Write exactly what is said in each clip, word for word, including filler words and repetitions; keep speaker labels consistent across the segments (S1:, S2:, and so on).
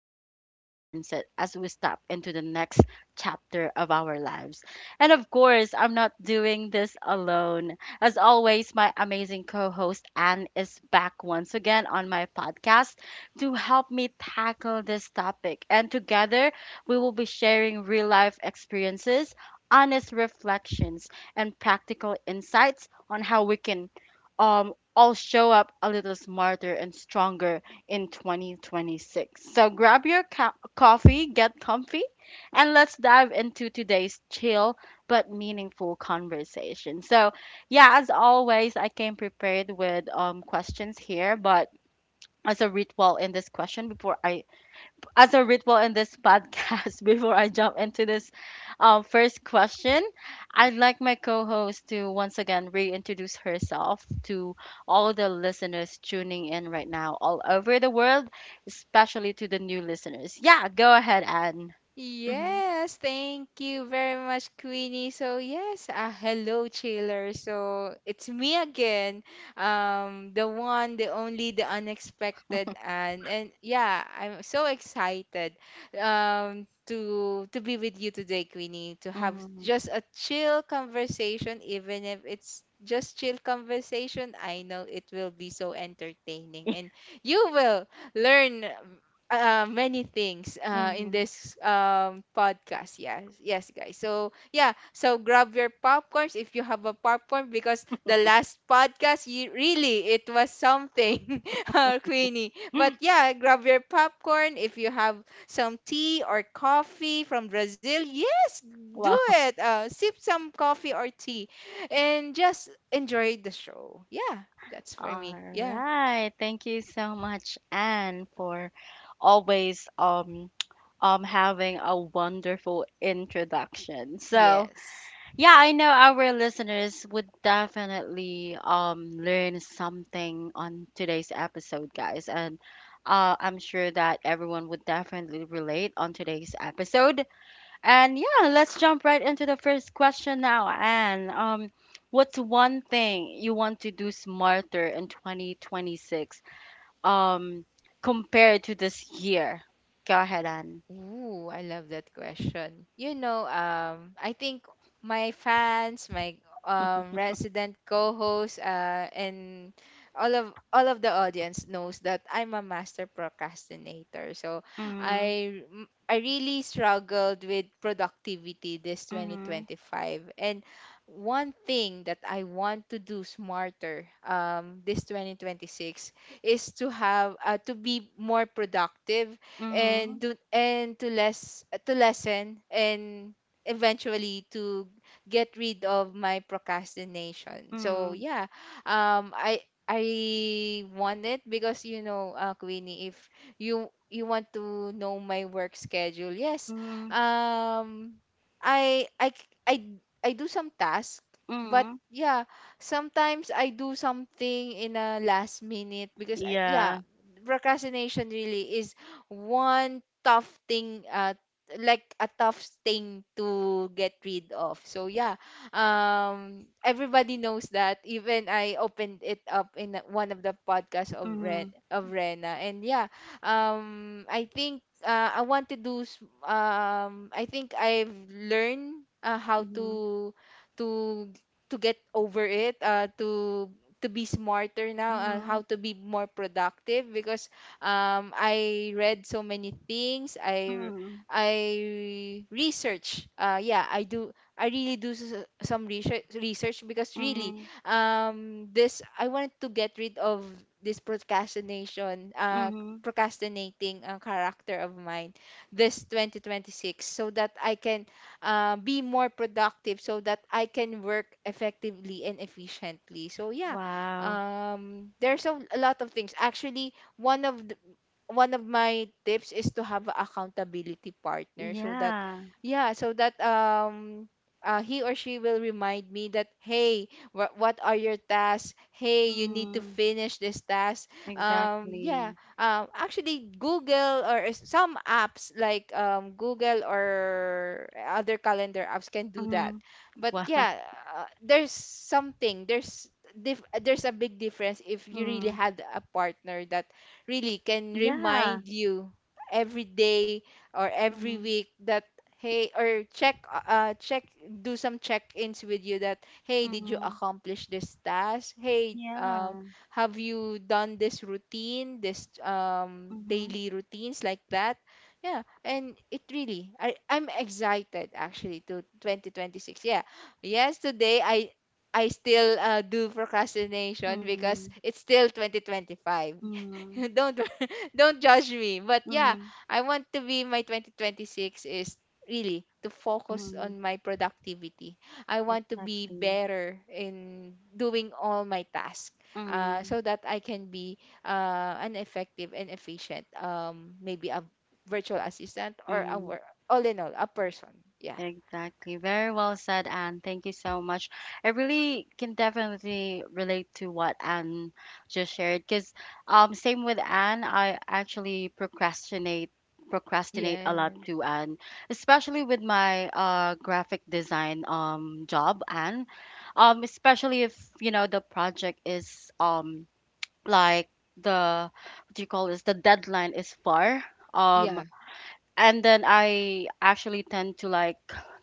S1: with a clearer mindset as we step into the next chapter of our lives. And of course, I'm not doing this alone. As always, my amazing co host Anne is back once again on my podcast to help me tackle this topic. And together, we will be sharing real life experiences, honest reflections, and practical insights on how we can um, all show up a little smarter and stronger in twenty twenty-six. So grab your co- coffee, get comfy, and let's dive into today's chill but meaningful conversation. So, yeah, as always, I came prepared with um questions here, but as a ritual in this question before I as a ritual in this podcast before I jump into this uh, first question, I'd like my co-host to once again reintroduce herself to all the listeners tuning in right now all over the world, especially to the new listeners. Yeah, go ahead, Anne. Mhm.
S2: Yes, thank you very much, Queenie. So yes, uh, hello, Chiller. So it's me again, um, the one, the only, the unexpected, and and yeah, I'm so excited, um, to to be with you today, Queenie, to have
S1: Mm-hmm.
S2: just a chill conversation, even if it's just chill conversation. I know it will be so entertaining,
S1: Yeah.
S2: and you will learn uh, many things uh, in
S1: Mm-hmm.
S2: this um, podcast. Yes, yes, guys. So yeah, so grab your popcorns if you have a popcorn because the last podcast, you really it was something, uh, Queenie. But yeah, grab your popcorn if you have some tea or coffee from Brazil. Yes, do it. Uh, sip some coffee or tea, and just enjoy the show. Yeah, that's for
S1: All
S2: me. Yeah.
S1: right. Thank you so much, Anne, for always um um having a wonderful introduction.
S2: Yes.
S1: So, yeah, I know our listeners would definitely um learn something on today's episode, guys. And uh, I'm sure that everyone would definitely relate on today's episode. And yeah, let's jump right into the first question now. And um, what's one thing you want to do smarter in twenty twenty-six, um, compared to this year? Go ahead, Anne.
S2: Ooh, I love that question. You know, um, I think my fans, my um resident co-hosts, uh, and all of all of the audience knows that I'm a master procrastinator. So
S1: Mm-hmm,
S2: I m- I really struggled with productivity this
S1: mm-hmm,
S2: twenty twenty-five. And one thing that I want to do smarter um this twenty twenty-six is to have uh, to be more productive
S1: mm-hmm,
S2: and do and to less to lessen and eventually to get rid of my procrastination. So yeah, um, I I want it because you know, uh, Queenie, if you you want to know my work schedule, yes,
S1: mm-hmm, mm-hmm,
S2: um, I I c- I d- I do some tasks, but
S1: mm-hmm.
S2: yeah, sometimes I do something in a last minute because I, yeah,
S1: Yeah.
S2: procrastination really is one tough thing uh like a tough thing to get rid of. So yeah, um, everybody knows that even I opened it up in one of the podcasts of ren
S1: Mm-hmm,
S2: of Rena. And yeah, um, I think uh, I want to do s- um I think I've learned uh, how
S1: mm-hmm,
S2: to to to get over it uh to to be smarter now, uh,
S1: mm-hmm,
S2: how to be more productive because um, I read so many things. I
S1: mm-hmm,
S2: I research. Uh, yeah, I do. I really do s- some research research because really,
S1: mm-hmm,
S2: um, this I wanted to get rid of this procrastination. Uh,
S1: mm-hmm.
S2: procrastinating uh, character of mine this twenty twenty-six so that I can uh, be more productive so that I can work effectively and efficiently. So yeah,
S1: Wow.
S2: um, there's a, a lot of things actually. one of the, One of my tips is to have a accountability partner so that
S1: Yeah.
S2: yeah, so that um, uh, he or she will remind me that hey, wha what are your tasks, hey, you need to
S1: Mm-hmm.
S2: finish this task. Um, yeah,
S1: Exactly.
S2: um, actually Google or is- some apps like um Google or other calendar apps can do that.
S1: Mm-hmm.
S2: But
S1: Wow.
S2: yeah, uh, there's something there's dif- there's a big difference if you really
S1: Mm,
S2: had a partner that really can
S1: yeah.
S2: remind you every day or every
S1: Mhm,
S2: week that hey, or check uh check, do some check-ins with you that hey, did you
S1: mhm.
S2: accomplish this task, hey, um
S1: Yeah.
S2: have you done this routine, this um
S1: Mhm,
S2: daily routines like that. Yeah, and it really I, I'm excited actually to twenty twenty-six. Yeah, yes, today i i still uh, do procrastination because
S1: mhm,
S2: it's still twenty twenty-five.
S1: mhm,
S2: don't don't judge me. But yeah,
S1: mhm,
S2: I want to be my twenty twenty-six is really to focus
S1: mhm.
S2: on my productivity. I want to be
S1: Exactly.
S2: better in doing all my tasks, uh,
S1: Mhm,
S2: so that I can be uh, an effective and efficient um maybe a virtual assistant or a
S1: mhm.
S2: wor- all in all a person. Yeah.
S1: Exactly. Very well said, Anne. Thank you so much. I really can definitely relate to what Anne just shared because um same with Anne, I actually procrastinate procrastinate a lot
S2: Yeah.
S1: too, Anne, especially with my uh graphic design um job, Anne. Um, especially if you know the project is um like, the what do you call this? The deadline is far. Um,
S2: Yeah.
S1: and then I actually tend to like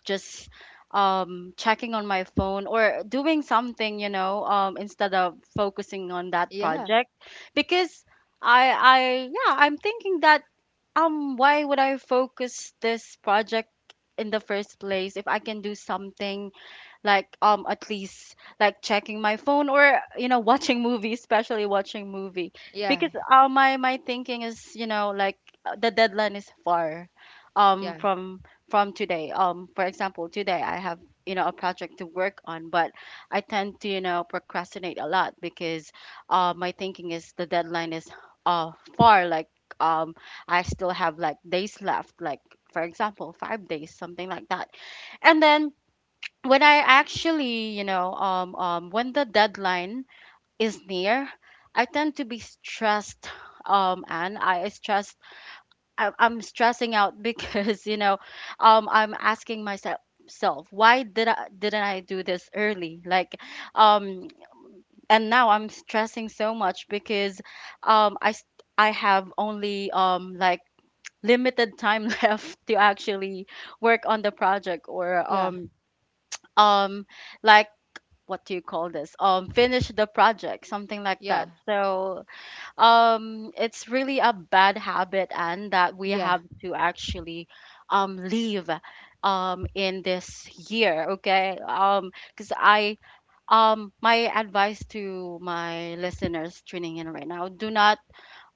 S1: just um checking on my phone or doing something, you know, um instead of focusing on that
S2: Yeah.
S1: project because I I yeah, I'm thinking that um why would I focus this project in the first place if I can do something like um at least like checking my phone or you know watching movie, especially watching movie
S2: Yeah.
S1: because uh, my my thinking is you know like uh, the deadline is far um
S2: Yeah.
S1: from from today. Um, for example, today I have you know a project to work on, but I tend to you know procrastinate a lot because uh my thinking is the deadline is uh far, like um I still have like days left, like for example five days, something like that. And then when I actually, you know, um, um, when the deadline is near, I tend to be stressed. Um, and I stress, I, I'm stressing out because you know, um, I'm asking myself, self, why did I didn't I do this early? Like, um, and now I'm stressing so much because, um, I s- I have only um like limited time left to actually work on the project or
S2: Yeah.
S1: um um like what do you call this, um, finish the project, something like
S2: Yeah.
S1: that. So um it's really a bad habit and that we
S2: Yeah.
S1: have to actually um leave um in this year, okay? Um, because I um my advice to my listeners tuning in right now, do not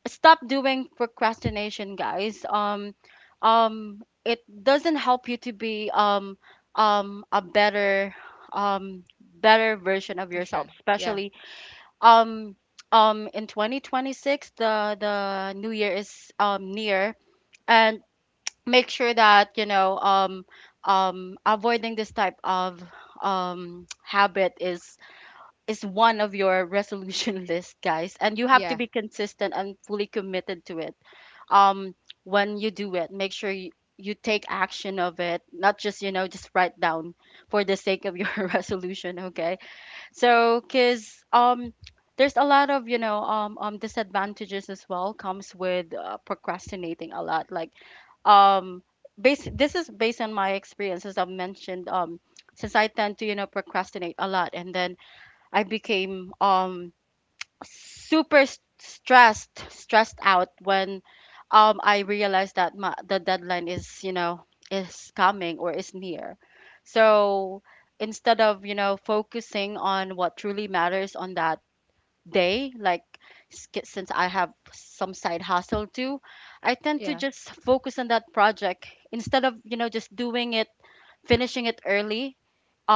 S1: stop doing procrastination, guys. Um um, it doesn't help you to be um um a better um better version of yourself,
S2: Mission.
S1: especially um um in twenty twenty-six, the the new year is um near, and make sure that you know um um avoiding this type of um habit is is one of your resolution list, guys, and you have to
S2: Yeah.
S1: be consistent and fully committed to it. Um, when you do it, make sure you, you take action of it, not just you know just write down for the sake of your resolution. Okay, so because um there's a lot of you know um, um disadvantages as well comes with uh, procrastinating a lot, like um base, this is based on my experience, as I've mentioned. Um, since I tend to you know procrastinate a lot, and then I became um super s- stressed stressed out when um I realized that my, the deadline is you know is coming or is near. So instead of you know focusing on what truly matters on that day, like s- k- since I have some side hustle too, I tend to
S2: Yeah.
S1: just focus on that project instead of you know just doing it, finishing it early.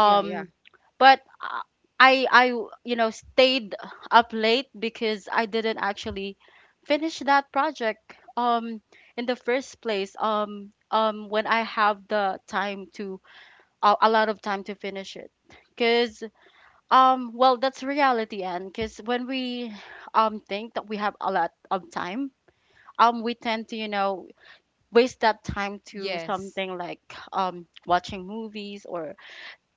S2: Yeah. Yeah.
S1: but uh, i i you know stayed up late because I didn't actually finish that project um in the first place um um when I have the time to uh, a lot of time to finish it. Because um well, that's reality, and because when we um think that we have a lot of time, um we tend to you know waste that time to
S2: Yes.
S1: something like um watching movies or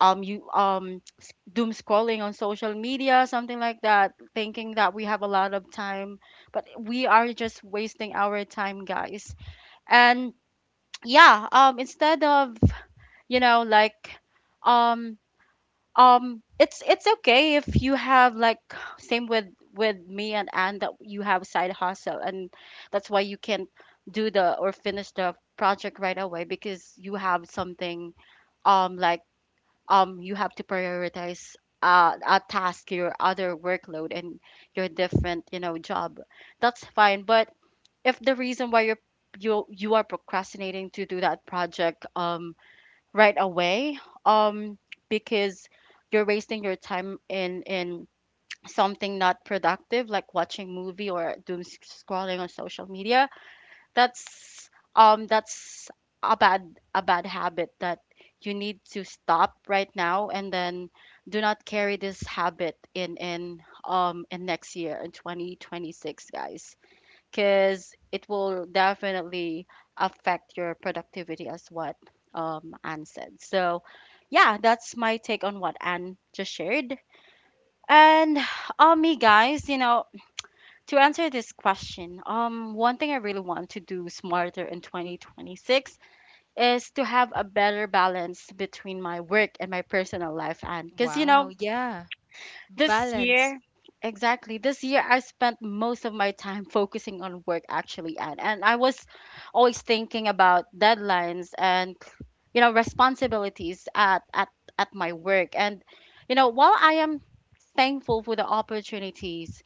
S1: um you um s- doom scrolling on social media, something like that, thinking that we have a lot of time, but we are just wasting our time, guys. And yeah, um instead of you know like um um it's it's okay if you have like same with with me and Anne that you have side hustle and that's why you can't do the or finish the project right away because you have something um like um you have to prioritize uh, a task, your other workload and your different you know job, that's fine. But if the reason why you're you you are procrastinating to do that project um right away um because you're wasting your time in in something not productive like watching movie or doom s- scrolling on social media, that's um that's a bad a bad habit that you need to stop right now, and then do not carry this habit in in um in next year in twenty twenty-six, guys, because it will definitely affect your productivity as what um Anne said. So yeah, that's my take on what Anne just shared, and um me, guys, you know, to answer this question, um, one thing I really want to do smarter in twenty twenty-six is to have a better balance between my work and my personal life. And because, you
S2: Wow,
S1: know,
S2: yeah.
S1: this
S2: Balance.
S1: year, exactly, this year I spent most of my time focusing on work, actually. And, and I was always thinking about deadlines and, you know, responsibilities at, at, at my work. And, you know, while I am thankful for the opportunities,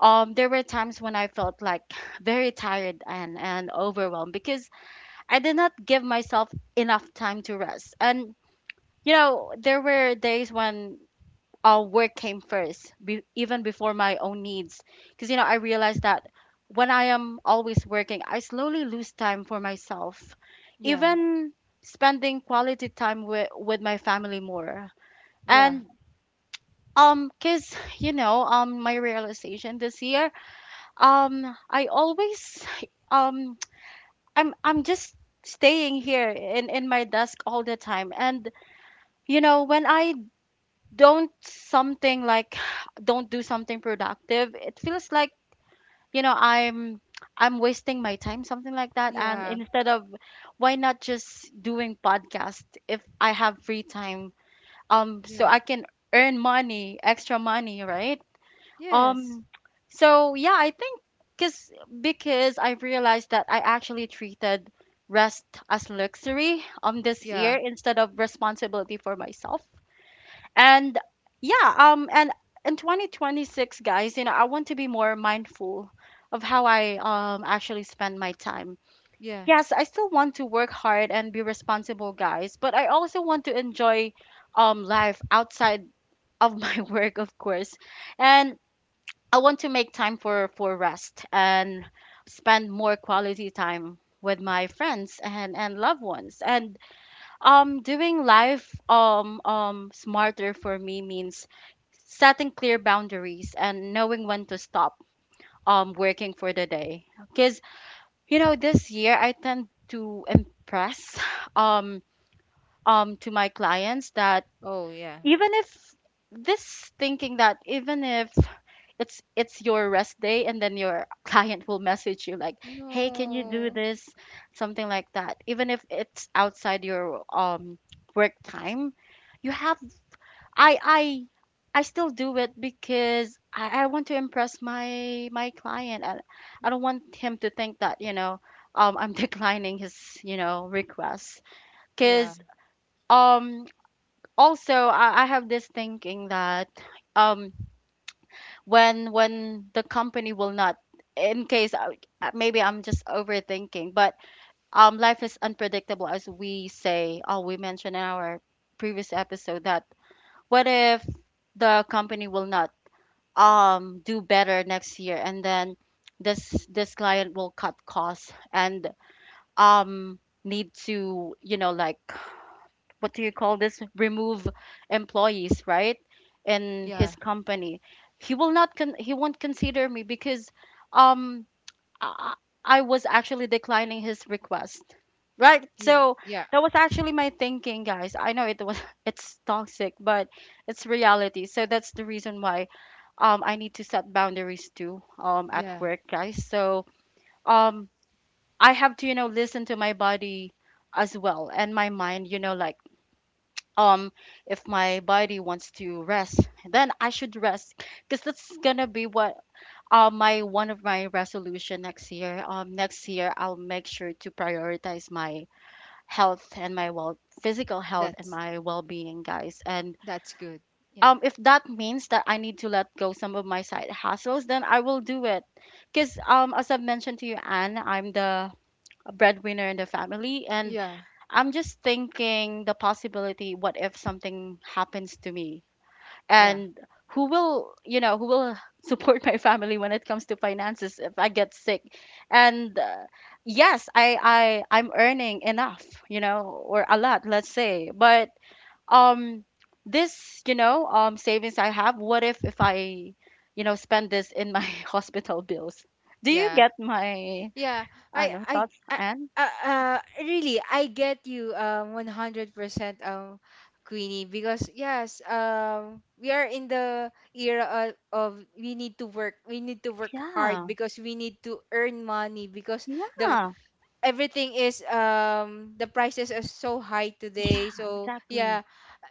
S1: um there were times when I felt like very tired and and overwhelmed because I did not give myself enough time to rest. And you know, there were days when uh, work came first, be- even before my own needs, because you know I realized that when I am always working, I slowly lose time for myself,
S2: Yeah,
S1: even spending quality time with with my family more.
S2: yeah,
S1: And um, cause you know, um, my realization this year, um, I always um I'm I'm just staying here in in my desk all the time. And you know, when I don't something like don't do something productive, it feels like, you know, I'm I'm wasting my time, something like that. And
S2: yeah,
S1: instead of, why not just doing podcast if I have free time, um, so
S2: yeah.
S1: I can earn money, extra money, right?
S2: Yes.
S1: Um, so yeah, I think because because I realized that I actually treated rest as luxury um this year
S2: Yeah,
S1: instead of responsibility for myself. And yeah, um and in twenty twenty-six, guys, you know, I want to be more mindful of how I um actually spend my time.
S2: yeah.
S1: Yes, I still want to work hard and be responsible, guys, but I also want to enjoy um life outside of my work, of course. And I want to make time for for rest and spend more quality time with my friends and and loved ones. And um doing life um um smarter for me means setting clear boundaries and knowing when to stop um working for the day because you know this year I tend to impress um um to my clients that
S2: Oh, yeah.
S1: even if this thinking that even if it's it's your rest day and then your client will message you like hey, can you do
S2: No.
S1: this, something like that, even if it's outside your um work time, you have i i i still do it because i, I want to impress my my client, and I don't want him to think that you know um I'm declining his, you know, requests because
S2: Yeah,
S1: um also, I, I have this thinking that um when when the company will not, in case I- uh, maybe I'm just overthinking, but um life is unpredictable, as we say, oh, we mentioned in our previous episode that what if the company will not um do better next year, and then this this client will cut costs and um need to, you know, like, what do you call this, remove employees, right, in
S2: yeah,
S1: his company, he will not con- he won't consider me because um I, I was actually declining his request, right?
S2: yeah,
S1: So
S2: yeah,
S1: that was actually my thinking, guys. I know it was, it's toxic, but it's reality. So that's the reason why um I need to set boundaries too, um at
S2: yeah.
S1: work, guys. So um I have to, you know, listen to my body as well, and my mind, you know, like um if my body wants to rest, then I should rest because that's gonna be what, uh, my one of my resolution next year. Um next year, I'll make sure to prioritize my health and my well physical health and
S2: That's
S1: my well-being, guys. And
S2: that's good. Yeah,
S1: um if that means that I need to let go some of my side hustles, then I will do it because um as I've mentioned to you, Anne, I'm the breadwinner in the family, and
S2: yeah,
S1: I'm just thinking the possibility, what if something happens to me,
S2: yeah,
S1: and who will, you know, who will support my family when it comes to finances if I get sick. And uh, yes, i i i'm earning enough, you know, or a lot, let's say, but um this, you know, um savings I have, what if if I, you know, spend this in my hospital bills. Do you
S2: yeah.
S1: get my,
S2: Yeah,
S1: I
S2: I,
S1: know,
S2: I,
S1: thoughts?
S2: I
S1: And
S2: uh, uh, really, I get you, um, one hundred percent, um, Queenie, because yes, um, we are in the era of, of we need to work, we need to work hard
S1: yeah,
S2: because we need to earn money because the
S1: yeah,
S2: everything is, um, the prices are so high today.
S1: yeah,
S2: So yeah,
S1: exactly.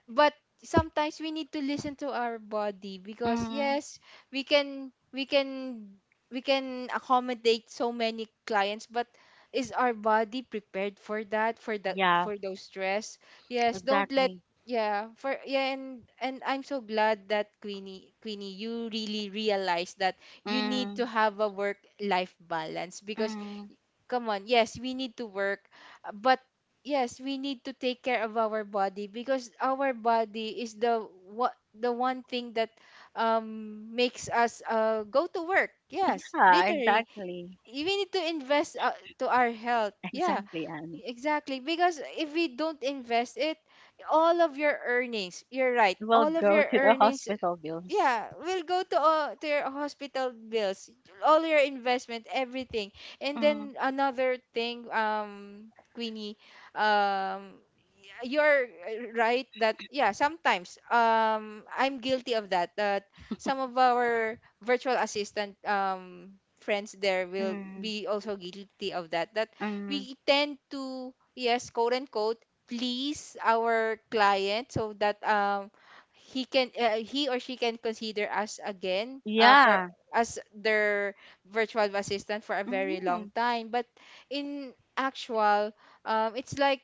S2: but sometimes we need to listen to our body because
S1: Mm,
S2: yes, we can we can we can accommodate so many clients, but is our body prepared for that, for that
S1: yeah,
S2: for those stress. Yes, don't let
S1: exactly.
S2: yeah for yeah. and and I'm so glad that queenie Queenie, you really realize that you need to
S1: Mm,
S2: have a work life balance because
S1: mm.
S2: come on, yes we need to work, uh, but yes we need to take care of our body because our body is the what, the one thing that um makes us uh go to work, yes
S1: Yeah,
S2: literally.
S1: exactly.
S2: We need to invest uh, to our health. Yeah,
S1: Exactly, and
S2: exactly, because if we don't invest it, all of your earnings you're right,
S1: we'll
S2: all of
S1: go
S2: your
S1: to the
S2: earnings
S1: hospital bills.
S2: yeah will go to uh, to your hospital bills, all your investment, everything. And
S1: Mm,
S2: then another thing, um, Queenie, um uh, you're uh, right that yeah, sometimes um I'm guilty of that, that some of our virtual assistant um friends there will
S1: mm,
S2: be also guilty of that, that
S1: mm.
S2: we tend to yes quote unquote please our client so that um he can uh, he or she can consider us again uh, for
S1: Yeah.
S2: as their virtual assistant for a very long
S1: Mm.
S2: time. But in actual um it's like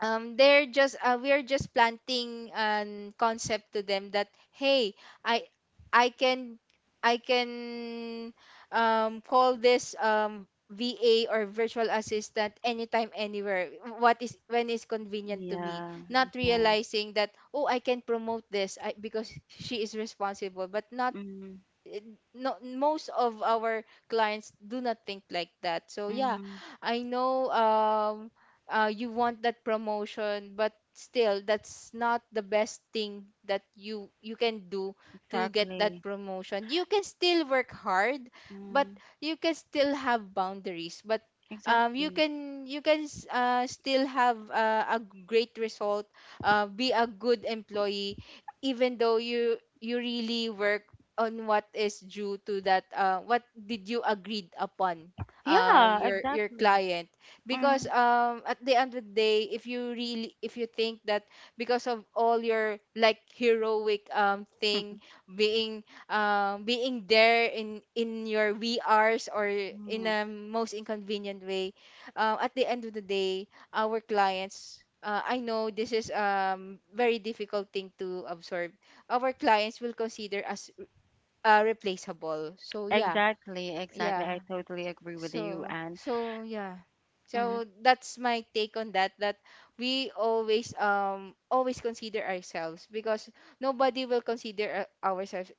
S2: um they're just uh, we're just planting an concept to them that hey, i I can I can um call this um VA or virtual assistant anytime, anywhere, what is when is convenient to me,
S1: Yeah,
S2: not
S1: yeah.
S2: realizing that oh, I can promote this I, because she is responsible. But not
S1: Mm,
S2: it, not most of our clients do not think like that. So yeah,
S1: mm.
S2: I know um uh you want that promotion, but still that's not the best thing that you you can do to get that
S1: Exactly.
S2: promotion. You can still work hard, but
S1: Mm,
S2: you can still have boundaries. But um, you
S1: exactly.
S2: can you can s- uh, still have uh, a great result, uh, be a good employee, even though you you really work on what is due to that, uh, what did you agreed upon uh
S1: Yeah,
S2: your your
S1: exactly.
S2: client. Because
S1: Mm.
S2: um at the end of the day, if you really if you think that because of all your like heroic um thing, being um being there in in your V Rs or in
S1: Mm.
S2: a most inconvenient way, uh, at the end of the day, our clients, uh, I know this is um very difficult thing to absorb, our clients will consider us uh, replaceable. So yeah,
S1: Exactly, exactly. I
S2: yeah.
S1: totally agree with you,
S2: So
S1: and
S2: so yeah.
S1: mm,
S2: So that's my take on that, that we always um always consider ourselves, because nobody will consider uh, ourselves,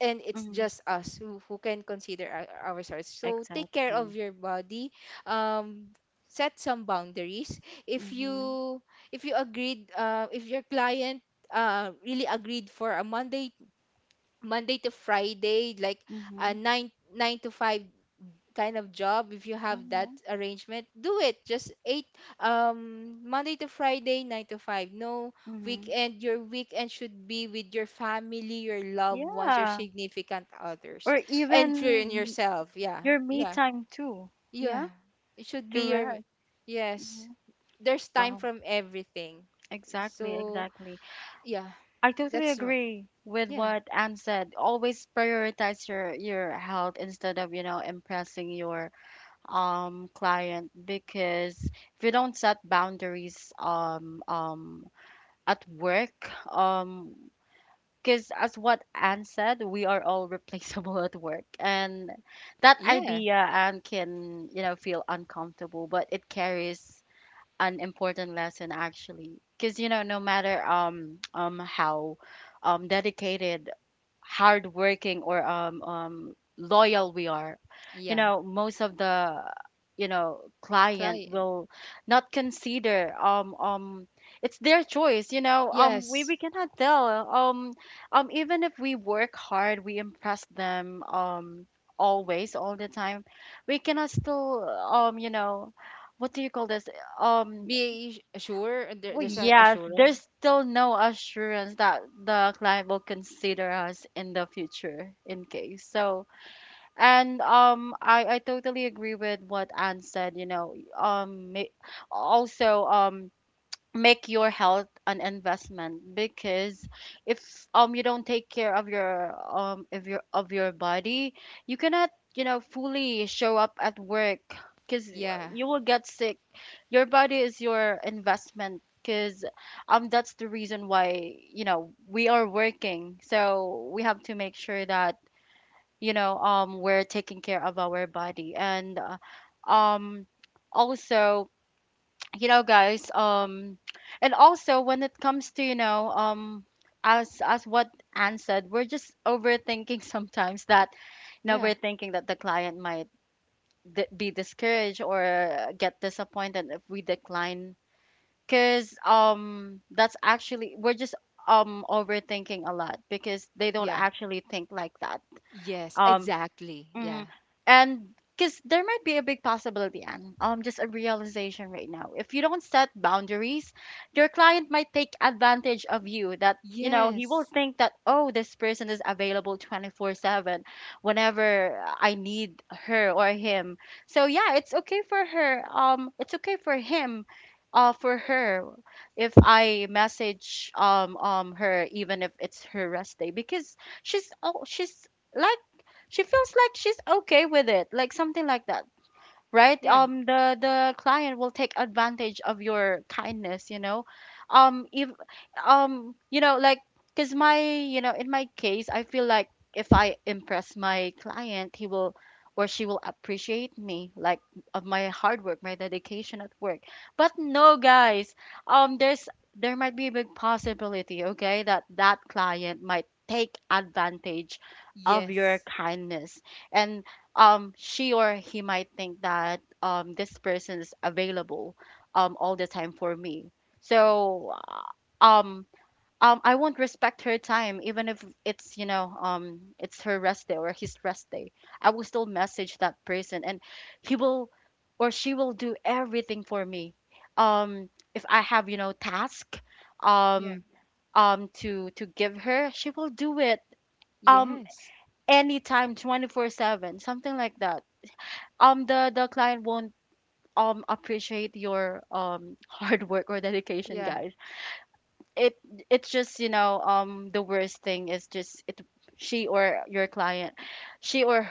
S2: and it's
S1: mm,
S2: just us who, who can consider our, ourselves. So take care of
S1: exactly.
S2: your body. Um, set some boundaries. If
S1: Mm-hmm,
S2: you, if you agreed, uh, if your client uh really agreed for a Monday Monday to Friday, like a
S1: mm-hmm,
S2: nine nine to five kind of job. If you have that
S1: mm-hmm,
S2: arrangement, do it. Just eight um Monday to Friday, nine to five. No
S1: mm-hmm.
S2: weekend. Your weekend should be with your family, your loved ones, your
S1: Yeah,
S2: significant others,
S1: or
S2: and for in
S1: even,
S2: yourself. Yeah,
S1: your me
S2: yeah,
S1: time too.
S2: yeah.
S1: Yeah,
S2: It should
S1: to
S2: be your
S1: rest.
S2: yes.
S1: Mhm.
S2: There's time
S1: Wow,
S2: from everything.
S1: exactly,
S2: So
S1: exactly.
S2: yeah,
S1: I totally
S2: that's right.
S1: agree with
S2: Yeah,
S1: what Anne said. Always prioritize your your health instead of, you know, impressing your um client, because if you don't set boundaries um um at work, um because as what Anne said, we are all replaceable at work, and that
S2: yeah,
S1: idea and can, you know, feel uncomfortable, but it carries an important lesson actually, because you know, no matter um um how um dedicated, hardworking, or um um loyal we are, you
S2: yeah.
S1: know, most of the, you know, client
S2: Client.
S1: will not consider, um um it's their choice, you know, um we, we cannot tell, um um even if we work hard, we impress them um always, all the time, we cannot still, um you know, what do you call this, um
S2: Be sure there,
S1: well,
S2: there's a
S1: yes,
S2: assurance
S1: there's still no assurance that the client will consider us in the future, in case. So, and um, I I totally agree with what Anne said. You know, um, ma- also, um, make your health an investment, because if um you don't take care of your um of your of your body, you cannot, you know, fully show up at work because
S2: yeah
S1: you will get sick. Your body is your investment, because um that's the reason why, you know, we are working, so we have to make sure that, you know, um we're taking care of our body. And uh, um also, you know, guys, um and also, when it comes to, you know, um as as what Anne said, we're just overthinking sometimes that, you know,
S2: yeah
S1: we're thinking that the client might d- be discouraged or get disappointed if we decline, because um that's actually, we're just um overthinking a lot because they don't
S2: yeah
S1: actually think like that.
S2: yes
S1: um
S2: exactly yeah
S1: mm And because there might be a big possibility, and um, just a realization right now. If you don't set boundaries, your client might take advantage of you. That, you know,
S2: yes
S1: he will think that, oh, this person is available twenty four seven, whenever I need her or him. So yeah, it's okay for her. Um, it's okay for him. Uh, for her, if I message um um her even if it's her rest day because she's oh she's like, she feels like she's okay with it, like something like that, right?
S2: yeah
S1: Um, the the client will take advantage of your kindness, you know. Um, if um, you know, like, cause my, you know, in my case, I feel like if I impress my client, he will or she will appreciate me, like of my hard work, my dedication at work. But no, guys, um, there's there might be a big possibility, okay, that that client might take advantage of your
S2: yes
S1: kindness, and um she or he might think that um this person is available um all the time for me, so uh, um um I won't respect her time even if it's, you know, um it's her rest day or his rest day, I will still message that person, and he will or she will do everything for me um if I have, you know, task,
S2: yeah
S1: um um to to give her, she will do it um
S2: yes
S1: anytime, twenty four seven, something like that. Um the the client won't um appreciate your um hard work or dedication,
S2: yeah.
S1: guys. It it's just, you know, um the worst thing is just it, she or your client, she or h-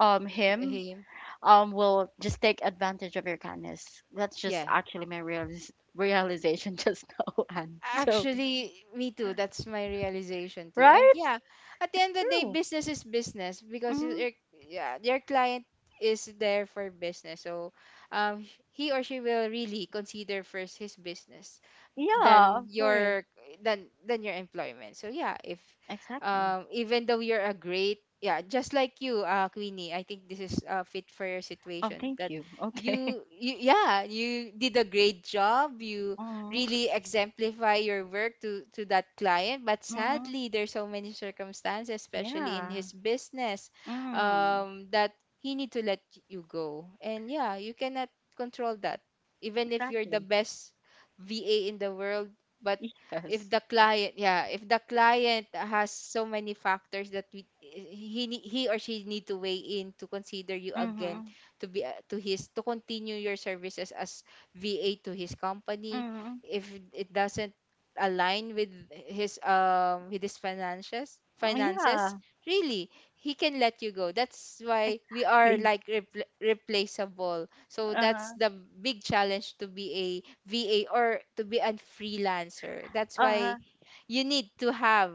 S1: um
S2: H-
S1: him
S2: him.
S1: um will just take advantage of your kindness. That's just
S2: Yeah.
S1: actually my realis- realization just now. And so,
S2: Actually, me too. That's my realization too. And
S1: right?
S2: yeah, at the end of the day,
S1: True.
S2: business is business because you-
S1: Mm,
S2: your yeah your client is there for business. So, um, sh- he or she will really consider first his business
S1: yeah,
S2: than
S1: of course.
S2: your than than your employment. So yeah, if
S1: Exactly.
S2: um even though you're a great, yeah, just like you, uh Queenie, I think this is uh, fit for your
S1: Oh,
S2: situation.
S1: thank
S2: That
S1: you. Okay.
S2: you, you yeah, you did a great job, you
S1: Mm-hmm.
S2: really exemplify your work to to that client, but
S1: Mm,
S2: sadly there's so many circumstances especially in
S1: yeah.
S2: his business
S1: Mm.
S2: um that he need to let you go. And yeah, you cannot control that even if you're the
S1: Exactly.
S2: best va in the world. But if
S1: Yes.
S2: the client, yeah, if the client has so many factors that we, he ne- he or she need to weigh in to consider you again
S1: Mhm.
S2: to be uh, to his to continue your services as va to his company.
S1: Mhm.
S2: If it doesn't align with his um with his finances finances
S1: Yeah.
S2: really, he can let you go. That's why we are
S1: Exactly.
S2: like repl- replaceable. So
S1: Uh
S2: that's
S1: huh.
S2: the big challenge to be a va or to be a freelancer. That's
S1: Uh
S2: why
S1: huh.
S2: you need to have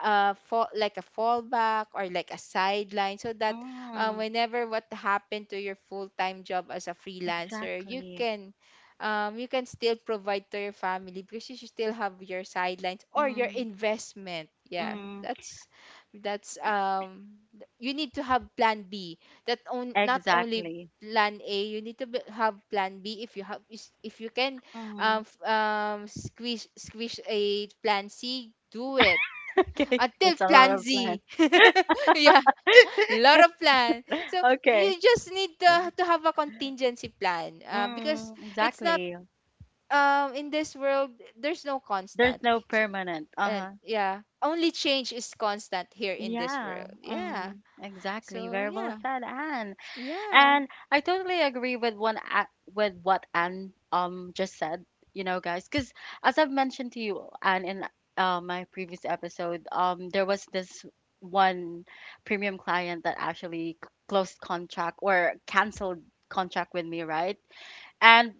S2: a fall, like a fallback or like a sideline, so that uh,
S1: Mm.
S2: whenever what happened to your full-time job as a freelancer, you
S1: Exactly.
S2: can um, you can still provide to your family because you should still have your sidelines or your
S1: Mm.
S2: investment. Yeah,
S1: Mm.
S2: that's that's um th- you need to have plan B, that on, not only
S1: Exactly.
S2: plan A, you need to be, have plan B. If you have is- if you can um,
S1: Mm.
S2: f- um, squish squish a plan C, do it
S1: Okay.
S2: until
S1: It's a lot
S2: plan
S1: of plan.
S2: Z. Yeah, lot of plan. So you
S1: Okay.
S2: just need to, to have a contingency plan, uh, because
S1: Mm.
S2: it's not
S1: Exactly.
S2: um in this world there's no constant.
S1: There's no
S2: Ch-
S1: permanent. Uh
S2: and
S1: huh.
S2: yeah, only change is constant here in this
S1: Yeah.
S2: world. Yeah.
S1: Mm. Exactly.
S2: So
S1: Very well
S2: yeah,
S1: said, Anne.
S2: yeah,
S1: And I totally agree with one a- with what Anne um just said, you know, guys, because as I've mentioned to you, Anne, in uh, my previous episode, um, there was this one premium client that actually c- closed contract, or canceled contract with me, right? And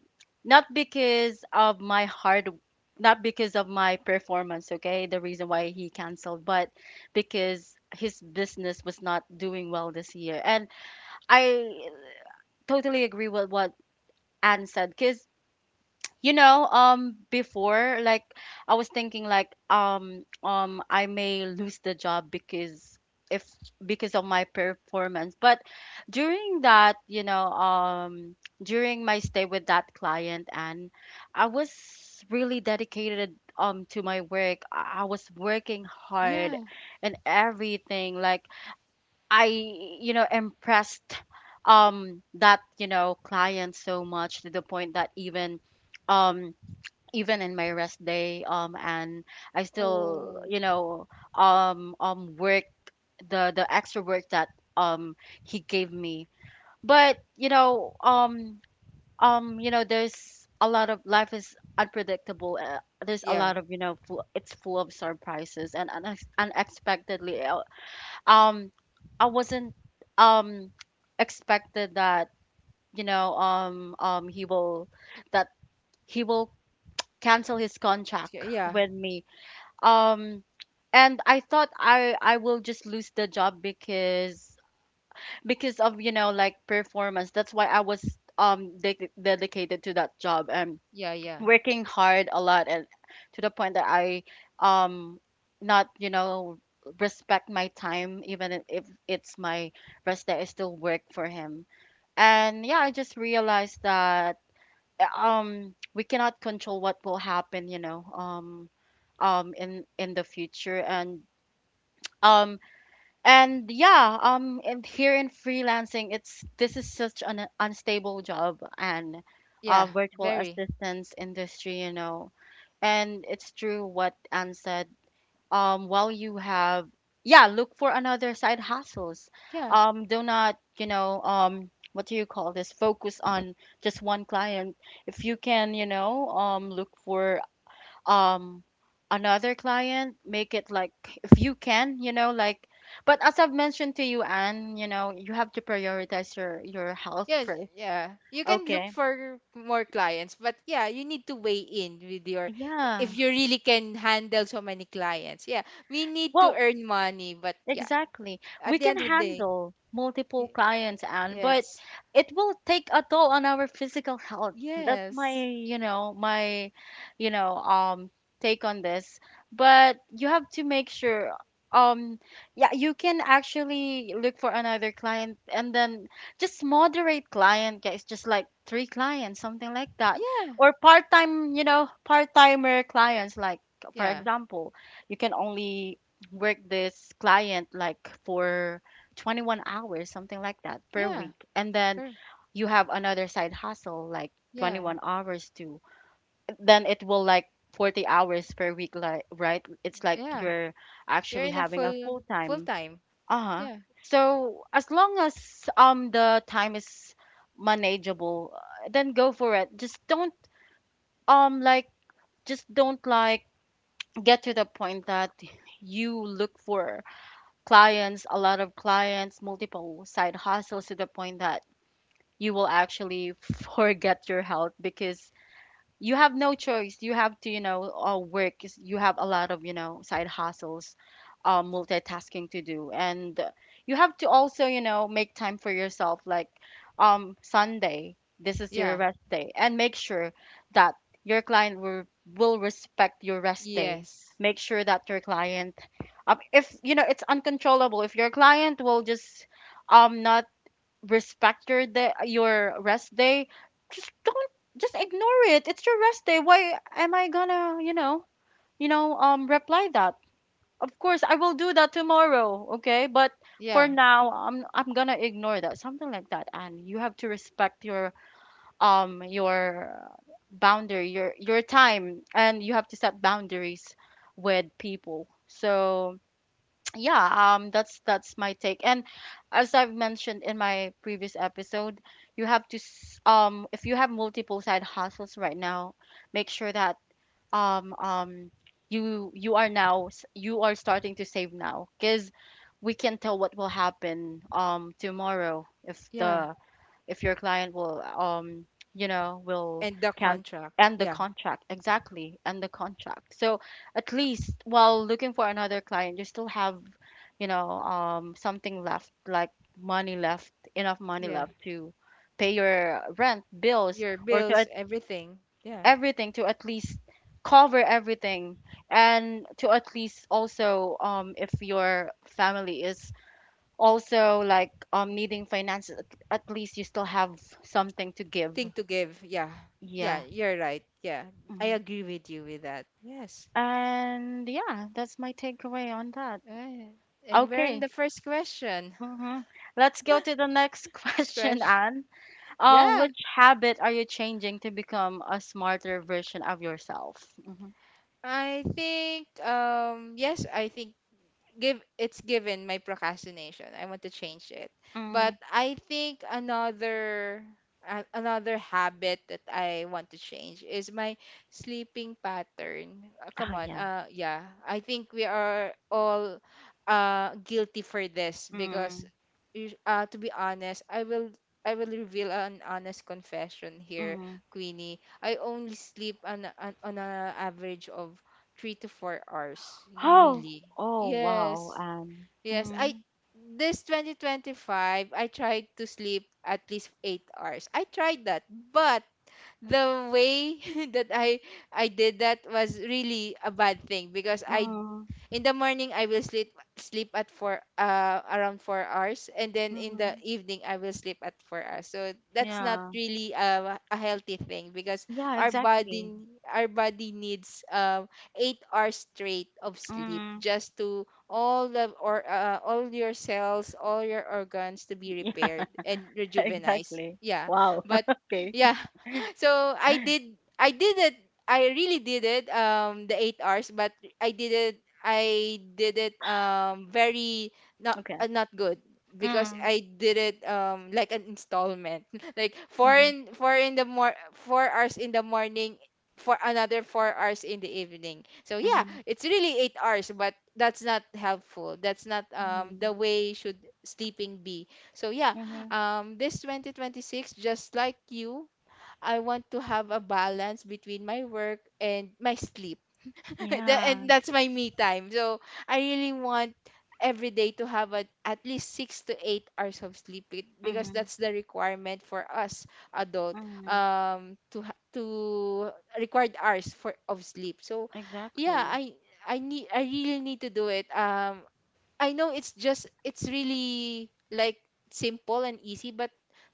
S1: not because of my hard, not because of my performance, okay, the reason why he canceled, but because his business was not doing well this year. And I totally agree with what Anne said, because you know, um before, like I was thinking like um um I may lose the job because if because of my performance, but during that, you know, um during my stay with that client, and I was really dedicated um to my work, I I was working hard
S2: yeah.
S1: and everything, like I, you know, impressed um that, you know, client so much to the point that even um even in my rest day, um and I still,
S2: Oh,
S1: you know, um um work the the extra work that um he gave me. But, you know, um um you know, there's a lot of, life is unpredictable. Uh, there's a
S2: yeah,
S1: lot of, you know, full, it's full of surprises, and unex- unexpectedly, uh, um I wasn't um expected that, you know, um um he will that he will cancel his contract
S2: yeah,
S1: with me, um and I thought I I will just lose the job because because of, you know, like performance, that's why I was um de- dedicated to that job, and
S2: yeah, yeah,
S1: working hard a lot, and to the point that I um not, you know, respect my time even if if it's my rest day, I still work for him. And yeah, I just realized that um we cannot control what will happen, you know, um um in in the future. And um and yeah, um, and here in freelancing, it's this is such an unstable job, and uh,
S2: yeah,
S1: virtual
S2: very,
S1: assistance industry, you know. And it's true what Anne said. Um, while you have, yeah, look for another side hustles.
S2: yeah.
S1: Um, do not, you know, um, what do you call this? Focus on just one client. If you can, you know, um, look for um another client, make it like, if you can, you know, like, but as I've mentioned to you, Anne, you know, you have to prioritize your your health
S2: Yes,
S1: first.
S2: yeah. You can look
S1: Okay,
S2: for more clients, but yeah, you need to weigh in with your
S1: yeah,
S2: if you really can handle so many clients. Yeah, we need to
S1: well,
S2: earn money, but yeah,
S1: exactly. We
S2: at the
S1: can
S2: end of the day,
S1: handle multiple
S2: y-
S1: clients, and
S2: yeah,
S1: but
S2: it's
S1: it will take a toll on our physical health. That's my,
S2: Yes,
S1: you know, my, you know, um take on this. But you have to make sure um yeah, you can actually look for another client, and then just moderate client, guys, just like three clients, something like that.
S2: yeah,
S1: Or part-time, you know, part-timer clients. Like, for
S2: yeah,
S1: example, you can only work this client like for twenty-one hours, something like that, per
S2: yeah,
S1: week. And then
S2: er,
S1: you have another side hustle like
S2: yeah,
S1: twenty-one hours too. Then it will like forty hours per week, like, right? It's like
S2: yeah.
S1: you're
S2: You're
S1: actually
S2: in a
S1: having a
S2: full
S1: full
S2: full
S1: time.
S2: time.
S1: Uh-huh.
S2: Yeah,
S1: So as long as um the time is manageable, uh, then go for it. Just don't, um like just don't, like, get to the point that you look for clients, a lot of clients, multiple side hustles, to the point that you will actually forget your health because you have no choice. You have to, you know, uh, work. You have a lot of, you know, side hustles, uh, multitasking to do, and you have to also, you know, make time for yourself. Like, um, Sunday, this is your
S2: yeah,
S1: rest day, and make sure that your client will will respect your rest
S2: y-
S1: day. Make sure that your client, um, if you know it's uncontrollable, if your client will just, um, not respect your day, your rest day, just don't just ignore it. It's your rest day. Why am I gonna, you know, you know, um reply that? Of course I will do that tomorrow, okay? But for
S2: yeah,
S1: now, I'm I'm gonna ignore that. Something like that. And you have to respect your um your boundary, your your time, and you have to set boundaries with people. So yeah, um that's that's my take. And as I've mentioned in my previous episode, you have to s- um if you have multiple side hustles right now, make sure that um um you you are now s- you are starting to save now, because we can not tell what will happen um tomorrow. If
S2: yeah,
S1: the, if your client will, um you know, will
S2: and the
S1: can
S2: contract.
S1: end the
S2: Yeah,
S1: contract. Exactly, end the contract. So at least while looking for another client, you still have, you know, um something left, like money left, enough money
S2: yeah,
S1: left to pay your rent, bills, or to at-
S2: bills, everything. Yeah.
S1: everything, to at least cover everything, and to at least also, um if your family is also, like, um, needing finances, at, at least you still have something to give.
S2: Thing to give. Yeah. Yeah,
S1: Yeah.
S2: you're right. Yeah.
S1: Hmm.
S2: I agree with you with that. Yes.
S1: And yeah, that's my takeaway on that.
S2: Right. And we're in
S1: Okay.
S2: the first question.
S1: Hmm. Let's go to the next
S2: First
S1: question,
S2: question.
S1: Anne. Uh,
S2: Yeah.
S1: which habit are you changing to become a smarter version of yourself? Hmm.
S2: I think um yes, I think give it's given my procrastination. I want to change it. But
S1: Mm.
S2: I think another a- another habit that I want to change is my sleeping pattern. Uh, come
S1: Oh
S2: on.
S1: yeah.
S2: Uh yeah, I think we are all uh guilty for this because
S1: Mm.
S2: us- uh to be honest, I will I will reveal an honest confession here,
S1: Mm.
S2: Queenie. I only sleep on, a- on on an average of three to four hours.
S1: Oh.
S2: Really.
S1: Oh wow.
S2: Yes.
S1: Um.
S2: Yes. I
S1: Mm.
S2: this twenty twenty-five I tried to sleep at least eight hours. I tried that, but the way that I I did that was really a bad thing because I
S1: Mm.
S2: in the morning I will sleep sleep at four, uh around four hours, and then in the
S1: Mm.
S2: evening I will sleep at four hours. So that's not
S1: Yeah.
S2: really uh, a healthy thing because
S1: Yeah.
S2: our
S1: Exactly.
S2: body our body needs um eight hours straight of sleep
S1: Mm.
S2: just to all the or uh, all your cells, all your organs to be
S1: Yeah.
S2: repaired and rejuvenized.
S1: Exactly.
S2: Yeah.
S1: Wow.
S2: But
S1: Okay.
S2: yeah so i did I did it I really did it um the eight hours, but i did it I did it um very not
S1: Okay.
S2: uh, not good because
S1: Mm.
S2: I did it um like an installment like four
S1: Mhm.
S2: in four in the mor four hours in the morning for another four hours in the evening. So yeah,
S1: Mhm.
S2: it's really eight hours, but that's not helpful. That's not um
S1: Mhm.
S2: the way should sleeping be. So yeah,
S1: Mhm.
S2: um this twenty twenty-six, just like you, I want to have a balance between my work and my sleep. Tha-
S1: Yeah.
S2: and that's my me time. So I really want every day to have a, at least six to eight hours of sleep be- because
S1: Mhm.
S2: that's the requirement for us adult
S1: Mhm.
S2: um to ha- to required hours for of sleep. So yeah,
S1: Exactly.
S2: I I need, I really need to do it. Um, I know it's just it's really like simple and easy, but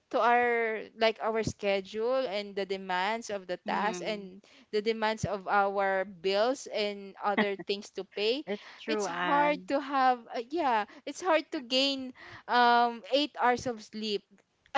S2: to our like our schedule and the demands of the task
S1: Mm.
S2: and the demands of our bills and other things to pay,
S1: It's true,
S2: it's hard
S1: Anne.
S2: to have, uh, yeah, it's hard to gain um eight hours of sleep.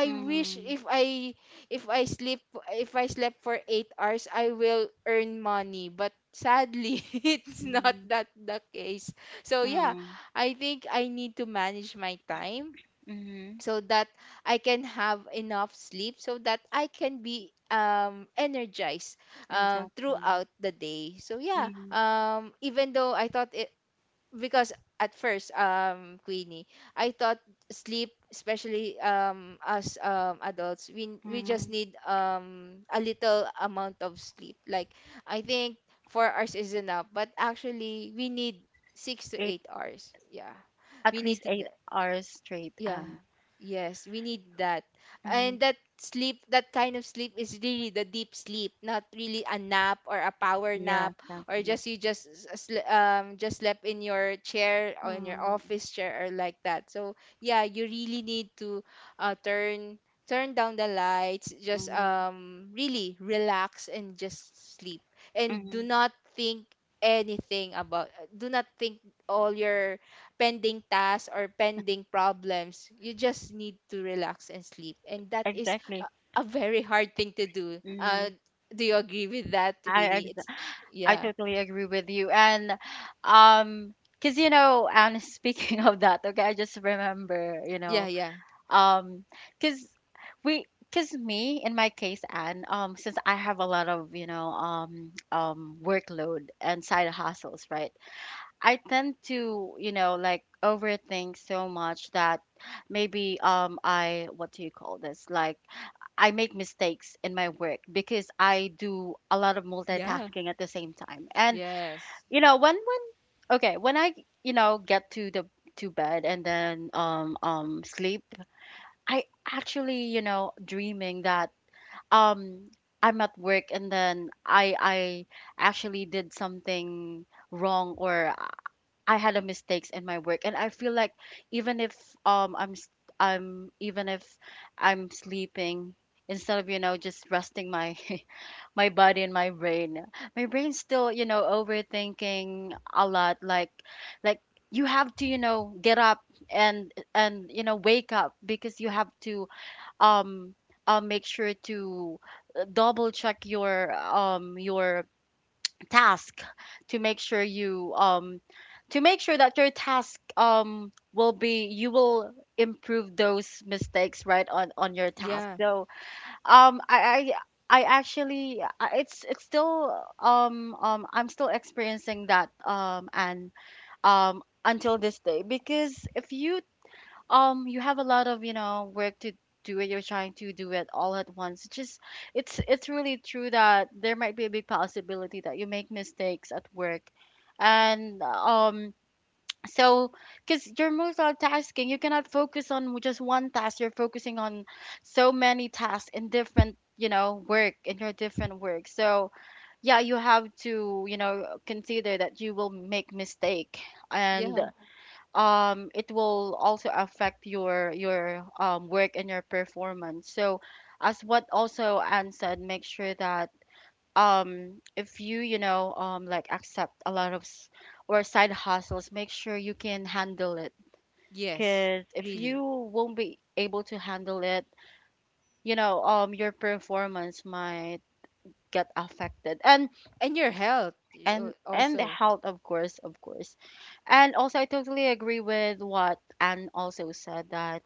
S2: I wish
S1: Mm.
S2: if i if I sleep if I slept for eight hours I will earn money, but sadly it's not
S1: Mm.
S2: that the case. So yeah,
S1: Mm.
S2: I think I need to manage my time
S1: Mhm.
S2: so that I can have enough sleep so that I can be um energized um
S1: Exactly.
S2: throughout the day. So yeah,
S1: Mhm.
S2: um even though I thought it because at first um Queenie, I thought sleep, especially um as um adults, we we just
S1: Mhm.
S2: need um a little amount of sleep. Like I think four hours is enough, but actually we need six to
S1: Eight,
S2: eight hours. Yeah. We
S1: at least
S2: need to,
S1: eight hours straight,
S2: yeah.
S1: Anne.
S2: Yes, we need that.
S1: Mhm.
S2: And that sleep, that kind of sleep is really the deep sleep, not really a nap or a power
S1: Yeah.
S2: nap or
S1: Exactly.
S2: just you just s- s- sle- um just slept in your chair or in your
S1: Mm.
S2: office chair or like that. So yeah, you really need to uh turn turn down the lights, just
S1: Mhm.
S2: um really relax and just sleep. And do
S1: Mhm.
S2: not think anything about, uh, do not think all your pending tasks or pending problems. You just need to relax and sleep. And that is a,
S1: Exactly.
S2: a very hard thing to do. Uh,
S1: Mm.
S2: do you agree with that,
S1: I
S2: Winnie? It,
S1: I
S2: yeah.
S1: totally agree with you. And um because, you know, and speaking of that, okay, I just remember, you
S2: Yeah,
S1: know,
S2: yeah.
S1: um because we, because me, in my case, and um since I have a lot of, you know, um um workload and side hustles, right? I tend to, you know, like, overthink so much that maybe um I, what do you call this? Like, I make mistakes in my work because I do a lot of
S2: Yeah.
S1: multitasking at the same time. And
S2: Yes.
S1: you know, when when okay, when I, you know, get to the, to bed, and then um um sleep, I actually, you know, dreaming that um I'm at work, and then i i actually did something wrong, or I had a mistakes in my work, and I feel like even if um i'm s- I'm, even if I'm sleeping, instead of, you know, just resting my my body and my brain. My brain's still, you know, overthinking a lot. Like, like you have to, you know, get up and and you know, wake up, because you have to, um uh, make sure to uh, double check your um your task to make sure you, um to make sure that your task, um will be, you will improve those mistakes right on on your task.
S2: Yeah.
S1: So um, I, I, I actually, I- it's, it's still, um, um, I'm still experiencing that, um, and, um, until this day, because if you, um, you have a lot of, you know, work to do it, you're trying to do it all at once. It's just, it's, it's really true that there might be a big possibility that you make mistakes at work, and, um, so, because you're multitasking, you cannot focus on just one task. You're focusing on so many tasks in different, you know, work, in your different work. So, yeah, you have to, you know, consider that you will make mistake, and
S2: Yeah.
S1: um, it will also affect your your um work and your performance. So, as what also Anne said, make sure that um if you, you know, um like, accept a lot of s- or side hustles, make sure you can handle it.
S2: Yes.
S1: Because if
S2: Really.
S1: you won't be able to handle it, you know, um your performance might get affected, and
S2: And your health, y- al-
S1: and and the
S2: also.
S1: health, of course, of course. And also, I totally agree with what Anne also said, that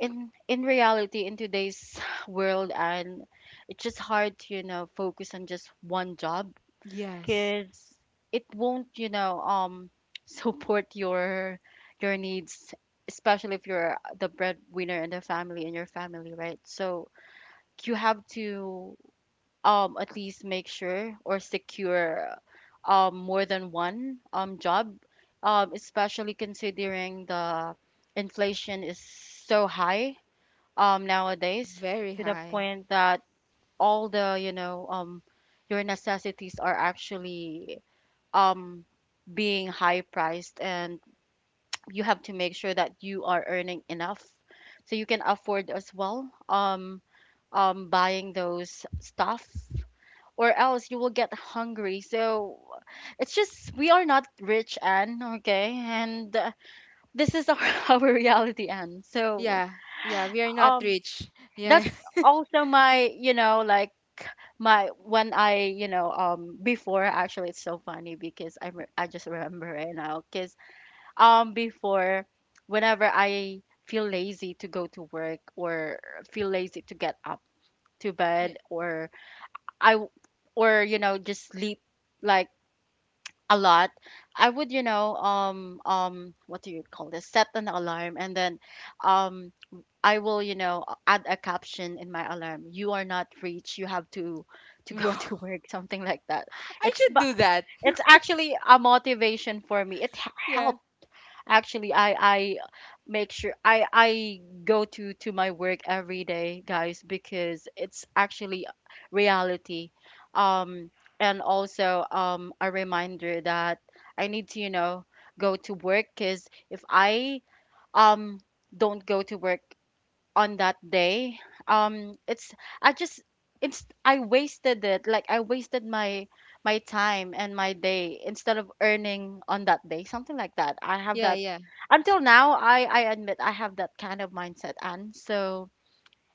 S1: in in reality, in today's world, and it's just hard to, you know, focus on just one job,
S2: Yes.
S1: because it won't, you know, um support your your needs, especially if you're the breadwinner in the family, in your family, right? So you have to, um at least make sure or secure, um more than one um job, um especially considering the inflation is so high um nowadays,
S2: Very
S1: to the
S2: high.
S1: point that all the, you know, um your necessities are actually um being high priced, and you have to make sure that you are earning enough so you can afford as well, um um buying those stuff, or else you will get hungry. So it's just, we are not rich, and okay, and uh, this is our, our reality. And so
S2: Yeah. Yeah. We are not
S1: um
S2: rich. Yeah.
S1: that's also my, you know, like, my, when I, you know, um before, actually, it's so funny because I re- I just remember it now, because um before, whenever I feel lazy to go to work, or feel lazy to get up to bed, or I w- or, you know, just sleep, like, a lot, I would, you know, um um what do you call this, set an alarm, and then um I will, you know, add a caption in my alarm: "You are not rich, you have to to go
S2: Wow.
S1: to work," something like that.
S2: I
S1: It's,
S2: should
S1: but
S2: do that.
S1: it's actually a motivation for me, it h-
S2: Yeah.
S1: helped. Actually, I I make sure I I go to to my work every day, guys, because it's actually reality. Um, and also, um a reminder that I need to, you know, go to work, because if I um don't go to work on that day, um it's, I just, it's, I wasted it. Like, I wasted my my time and my day, instead of earning on that day, something like that. I have
S2: Yeah.
S1: that,
S2: Yeah.
S1: until now, i i admit I have that kind of mindset. And so,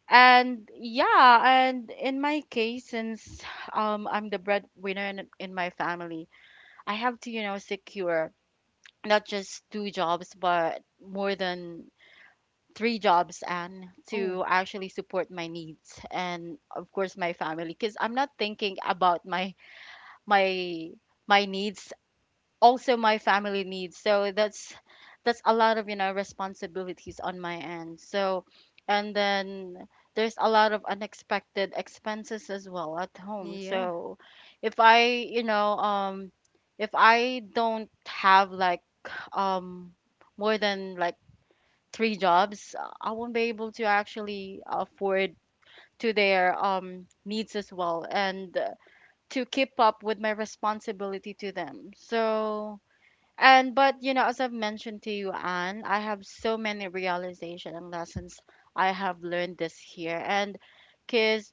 S1: and yeah, and in my case, since um I'm the breadwinner in, in my family, I have to, you know, secure not just two jobs, but more than three jobs, and
S2: Oh.
S1: to actually support my needs, and of course my family, because I'm not thinking about my my my needs, also my family needs. So that's that's a lot of, you know, responsibilities on my end. So, and then there's a lot of unexpected expenses as well at home.
S2: Yeah.
S1: So if I, you know, um if I don't have like, um more than like three jobs, uh, I won't be able to actually afford to their, um, needs as well, and uh, to keep up with my responsibility to them. So, and but you know, as I've mentioned to you, Anne, I have so many realization and lessons I have learned this year. And because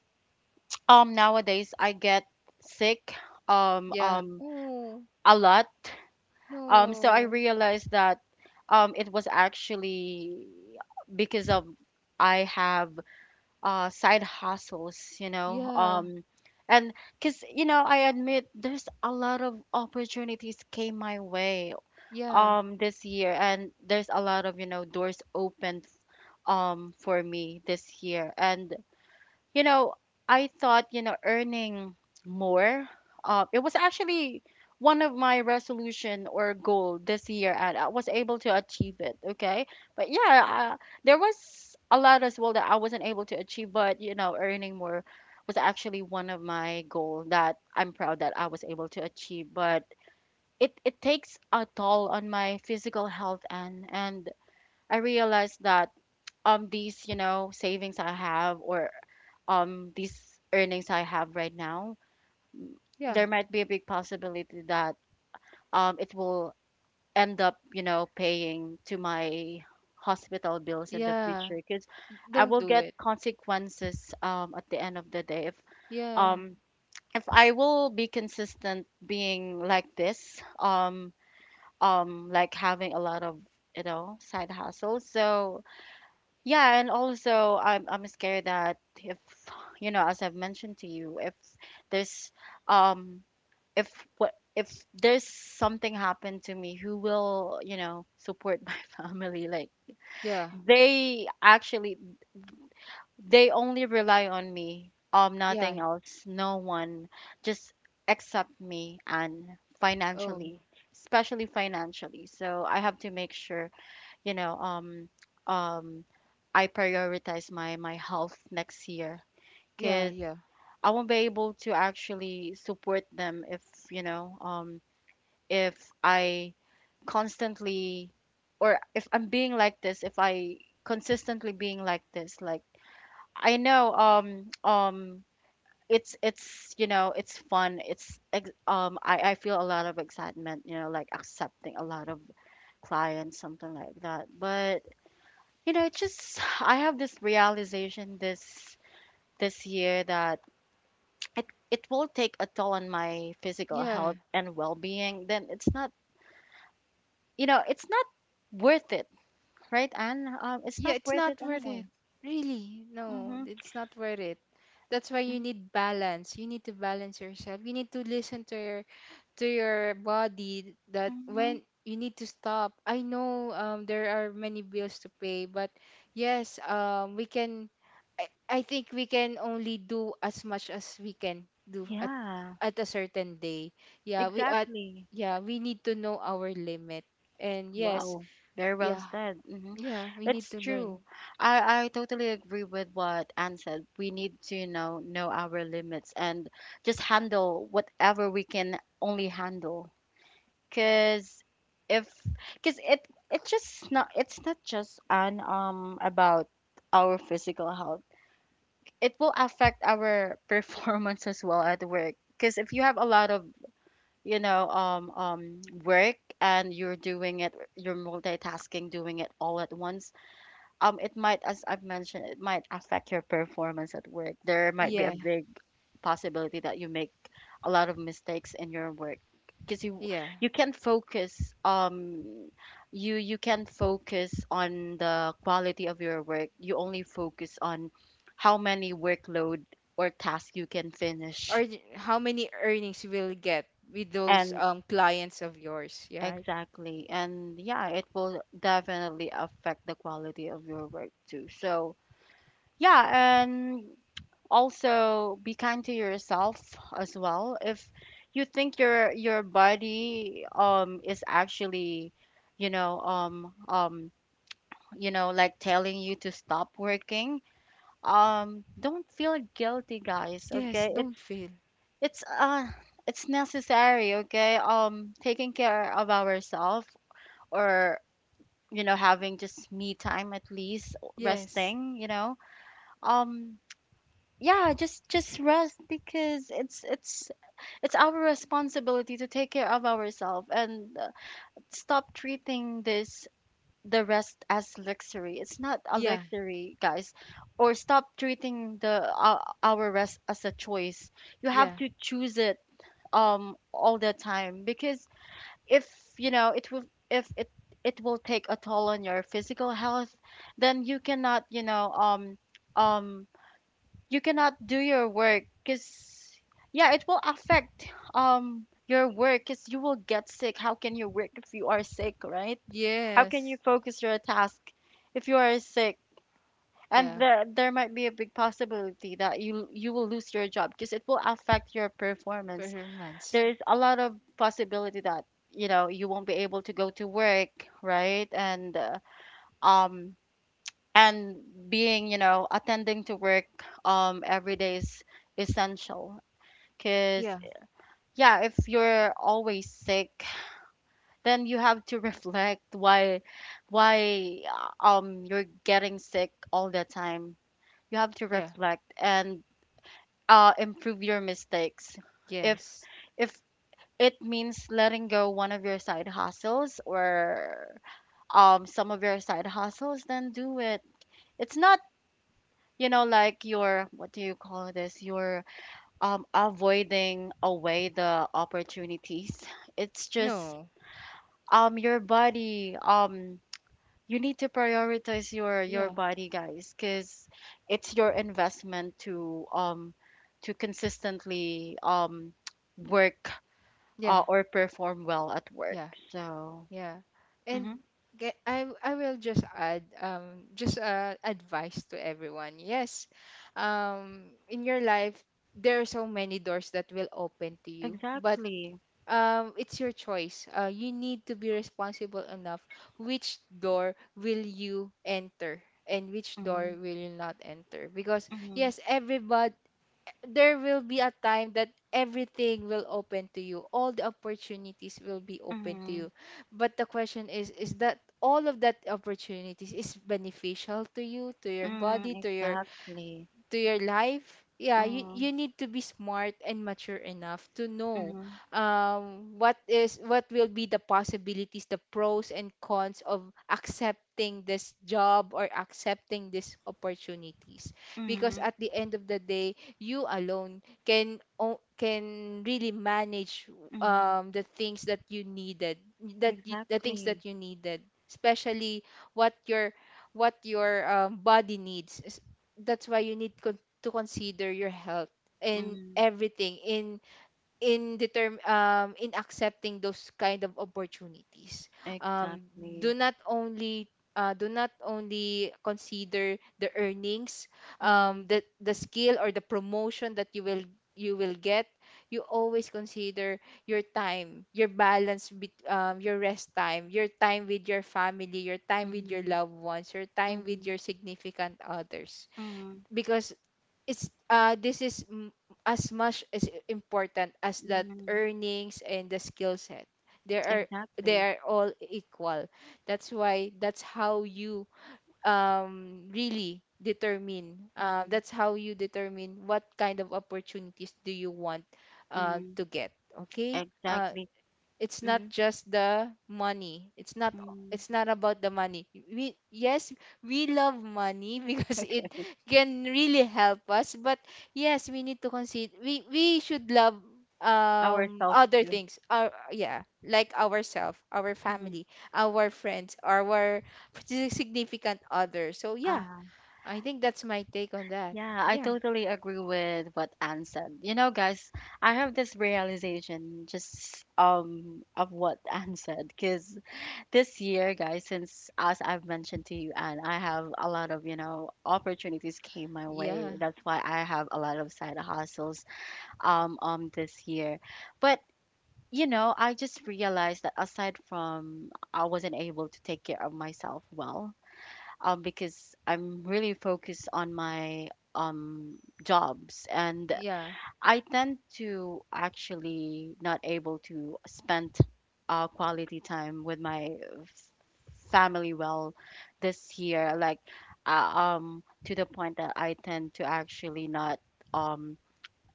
S1: um nowadays I get sick um
S2: Yeah.
S1: um
S2: Oh,
S1: a lot. Um, so I
S2: no.
S1: realized that um, it was actually because of, I have uh, side hustles, you know.
S2: Yeah.
S1: Um, and because, you know, I admit there's a lot of opportunities came my way
S2: Yeah.
S1: um this year, and there's a lot of, you know, doors opened um for me this year. And, you know, I thought, you know, earning more, uh, it was actually one of my resolution or goal this year, and I was able to achieve it. Okay, but yeah, uh, there was a lot as well that I wasn't able to achieve, but you know, earning more was actually one of my goal that I'm proud that I was able to achieve. But it it takes a toll on my physical health, and and I realized that um these you know savings I have, or um these earnings I have right now,
S2: Yeah.
S1: there might be a big possibility that um it will end up you know paying to my hospital bills in the future,
S2: Yeah.
S1: because I
S2: Don't
S1: will
S2: do
S1: get
S2: it.
S1: consequences um at the end of the day if
S2: Yeah.
S1: um if I will be consistent being like this, um um like having a lot of you know side hustles. So yeah, and also I'm I'm scared that if, you know, as I've mentioned to you, if there's um if what if there's something happened to me, who will, you know, support my family? Like,
S2: Yeah.
S1: they actually, they only rely on me, um
S2: Yeah.
S1: nothing else, no one, just except me, and
S2: Oh,
S1: financially, especially financially. So I have to make sure, you know, um, um, I prioritize my my health next year,
S2: yeah.
S1: because
S2: Yeah.
S1: I won't be able to actually support them if, you know um if I constantly, or if I'm being like this, if I consistently being like this, like I know um um it's it's you know it's fun, it's ex- um I I feel a lot of excitement, you know, like accepting a lot of clients, something like that. But, you know, it's just, I have this realization this this year that it it will take a toll on my physical
S2: Yeah.
S1: health and well-being. Then it's not, you know, it's not worth it, right? And um, it's
S2: Yeah.
S1: not
S2: It's
S1: worth it
S2: not worth
S1: anymore.
S2: it. Really. No,
S1: Mhm.
S2: it's not worth it. That's why you
S1: Mm-hmm.
S2: need balance. You need to balance yourself. You need to listen to your to your body, that
S1: Mm-hmm.
S2: when you need to stop. I know um, there are many bills to pay, but yes, um, we can, I, I think we can only do as much as we can do at
S1: Yeah,
S2: at a certain day. Yeah, we at,
S1: exactly.
S2: yeah, we need to know our limit. And yes,
S1: Wow, very well
S2: yeah,
S1: said. Hmm.
S2: yeah, we need
S1: It's
S2: to
S1: true.
S2: learn.
S1: I, I totally agree with what Anne said. We need to, you know, know our limits and just handle whatever we can only handle. Cause if, cause it it's just not it's not just an um about our physical health. It will affect our performance as well at work. Cause if you have a lot of, you know, um um work, and you're doing it, you're multitasking, doing it all at once, um it might, as I've mentioned, it might affect your performance at work. There might be a
S2: Yeah.
S1: big possibility that you make a lot of mistakes in your work, because you
S2: Yeah.
S1: you can focus, um you you can focus on the quality of your work, you only focus on how many workload or task you can finish.
S2: Or th- how many earnings you will get with those
S1: And
S2: um clients of yours, yeah, right?
S1: exactly. And yeah, it will definitely affect the quality of your work too. So yeah, and also be kind to yourself as well. If you think your your body um is actually, you know, um um you know, like telling you to stop working, um don't feel guilty, guys,
S2: Yes,
S1: okay? It's
S2: don't fail.
S1: it's uh it's necessary, okay? Um taking care of ourselves, or you know, having just me time at least,
S2: Yes.
S1: resting, you know. um yeah, just just rest, because it's it's it's our responsibility to take care of ourselves, and uh, stop treating this the rest as luxury. It's not a
S2: Yeah,
S1: luxury, guys. Or stop treating the uh, our rest as a choice. You have
S2: yeah,
S1: to choose it um all the time, because if, you know, it will, if it it will take a toll on your physical health, then you cannot, you know, um um you cannot do your work, because yeah, it will affect um your work, because you will get sick. How can you work if you are sick, right? How can
S2: yes,
S1: you focus your task if you are sick, and
S2: yeah,
S1: there there might be a big possibility that you you will lose your job, because it will affect your performance.
S2: performance.
S1: There's a lot of possibility that, you know, you won't be able to go to work, right? And uh, um and being, you know, attending to work um every day is essential, because
S2: Yeah,
S1: yeah, if you're always sick, then you have to reflect why, why uh, um you're getting sick all the time. You have to
S2: yeah,
S1: reflect and uh, improve your mistakes. if
S2: yes.
S1: if it means letting go one of your side hustles, or um some of your side hustles, then do it. It's not, you know, like you're, what do you call this, you're um avoiding away the opportunities. It's just
S2: No,
S1: um your body. Um you need to prioritize your your
S2: yeah,
S1: body, guys, because it's your investment to um to consistently um work,
S2: yeah,
S1: uh, or perform well at work.
S2: yeah,
S1: So
S2: yeah.
S1: mm-hmm.
S2: And ge- I w- I will just add um just uh advice to everyone. Yes, um in your life there are so many doors that will open to you, but
S1: Exactly.
S2: um it's your choice. Uh you need to be responsible enough which door will you enter and which
S1: Mm-hmm.
S2: door will you not enter. Because
S1: Mm-hmm.
S2: yes, everybody, there will be a time that everything will open to you. All the opportunities will be open to
S1: Mm-hmm.
S2: you, but the question is is that all of that opportunities is beneficial to you, to your
S1: Mm.
S2: body, to your
S1: Exactly.
S2: to your life? Yeah, you,
S1: Mm-hmm.
S2: you need to be smart and mature enough to know
S1: Mm-hmm.
S2: um, what is what will be the possibilities, the pros and cons of accepting this job or accepting these opportunities. Because
S1: Mm-hmm.
S2: at the end of the day, you alone can o- can really manage
S1: Mm-hmm.
S2: um, the things that you needed, that you, the things
S1: Exactly.
S2: that you needed, especially what your what your um, body needs. That's why you need con- to consider your health in
S1: Mm.
S2: everything, in in determ um in accepting those kind of opportunities. Um,
S1: Exactly.
S2: do not only uh, do not only consider the earnings,
S1: Mm-hmm.
S2: um the the skill or the promotion that you will you will get. You always consider your time, your balance, bet um, your rest time, your time with your family, your time with your
S1: Mm-hmm.
S2: loved ones, your time with
S1: Mm-hmm.
S2: your significant others.
S1: Mm.
S2: Because it's uh this is m- as much as i- important as that
S1: Mm.
S2: earnings and the skill set, they are, they
S1: Exactly.
S2: are all equal. That's why that's how you um really determine, uh,
S1: Mm-hmm.
S2: that's how you determine what kind of opportunities do you want uh,
S1: Mm.
S2: to get. Okay, uh,
S1: Exactly.
S2: it's not
S1: Mm-hmm.
S2: just the money, it's not,
S1: Mm.
S2: it's not about the money. We, yes, we love money because it
S1: Okay.
S2: can really help us, but yes, we need to consider, we we should love um
S1: Ourselves
S2: other
S1: too.
S2: things. Our, yeah, like ourselves, our
S1: Mm-hmm.
S2: family, our friends, our sig- significant other. So yeah,
S1: Ah.
S2: I think that's my take on that.
S1: Yeah, I
S2: Yeah,
S1: totally agree with what Anne said. You know, guys, I have this realization just um of what Anne said, because this year, guys, since as I've mentioned to you, Anne, I have a lot of, you know, opportunities came my way.
S2: yeah,
S1: That's why I have a lot of side hustles um um this year. But, you know, I just realized that aside from I wasn't able to take care of myself well, um, because I'm really focused on my um, jobs, and
S2: yeah.
S1: I tend to actually not able to spend uh, quality time with my f- family well this year, like uh, um, to the point that I tend to actually not um,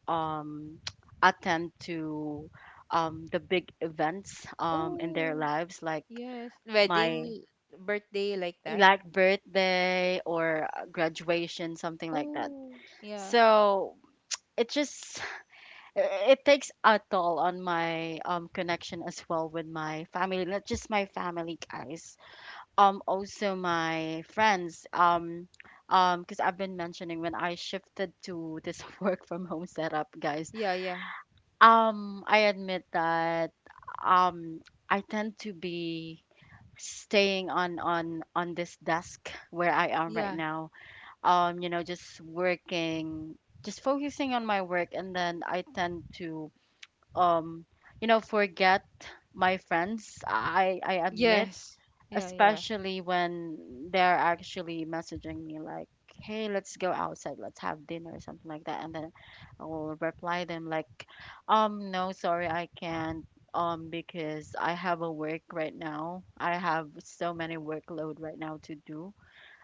S1: um, attend to um, the big events um, in their
S2: Oh,
S1: lives, like
S2: yes,
S1: my
S2: wedding, birthday, like that.
S1: like birthday or uh, graduation, something like that.
S2: Oh, yeah,
S1: So it just it takes a toll on my um connection as well with my family, not just my family, guys, um also my friends. Um um because I've been mentioning when I shifted to this work from home setup, guys.
S2: yeah, yeah,
S1: Um, I admit that um I tend to be staying on on on this desk where I am right
S2: yeah,
S1: now, um, you know, just working, just focusing on my work, and then I tend to, um, you know, forget my friends. I I admit,
S2: yes, yeah, yeah,
S1: especially when they're actually messaging me like, "Hey, let's go outside, let's have dinner," or something like that, and then I will reply them like, "Um, no, sorry, I can't." Um, because I have a work right now. I have so many workload right now to do,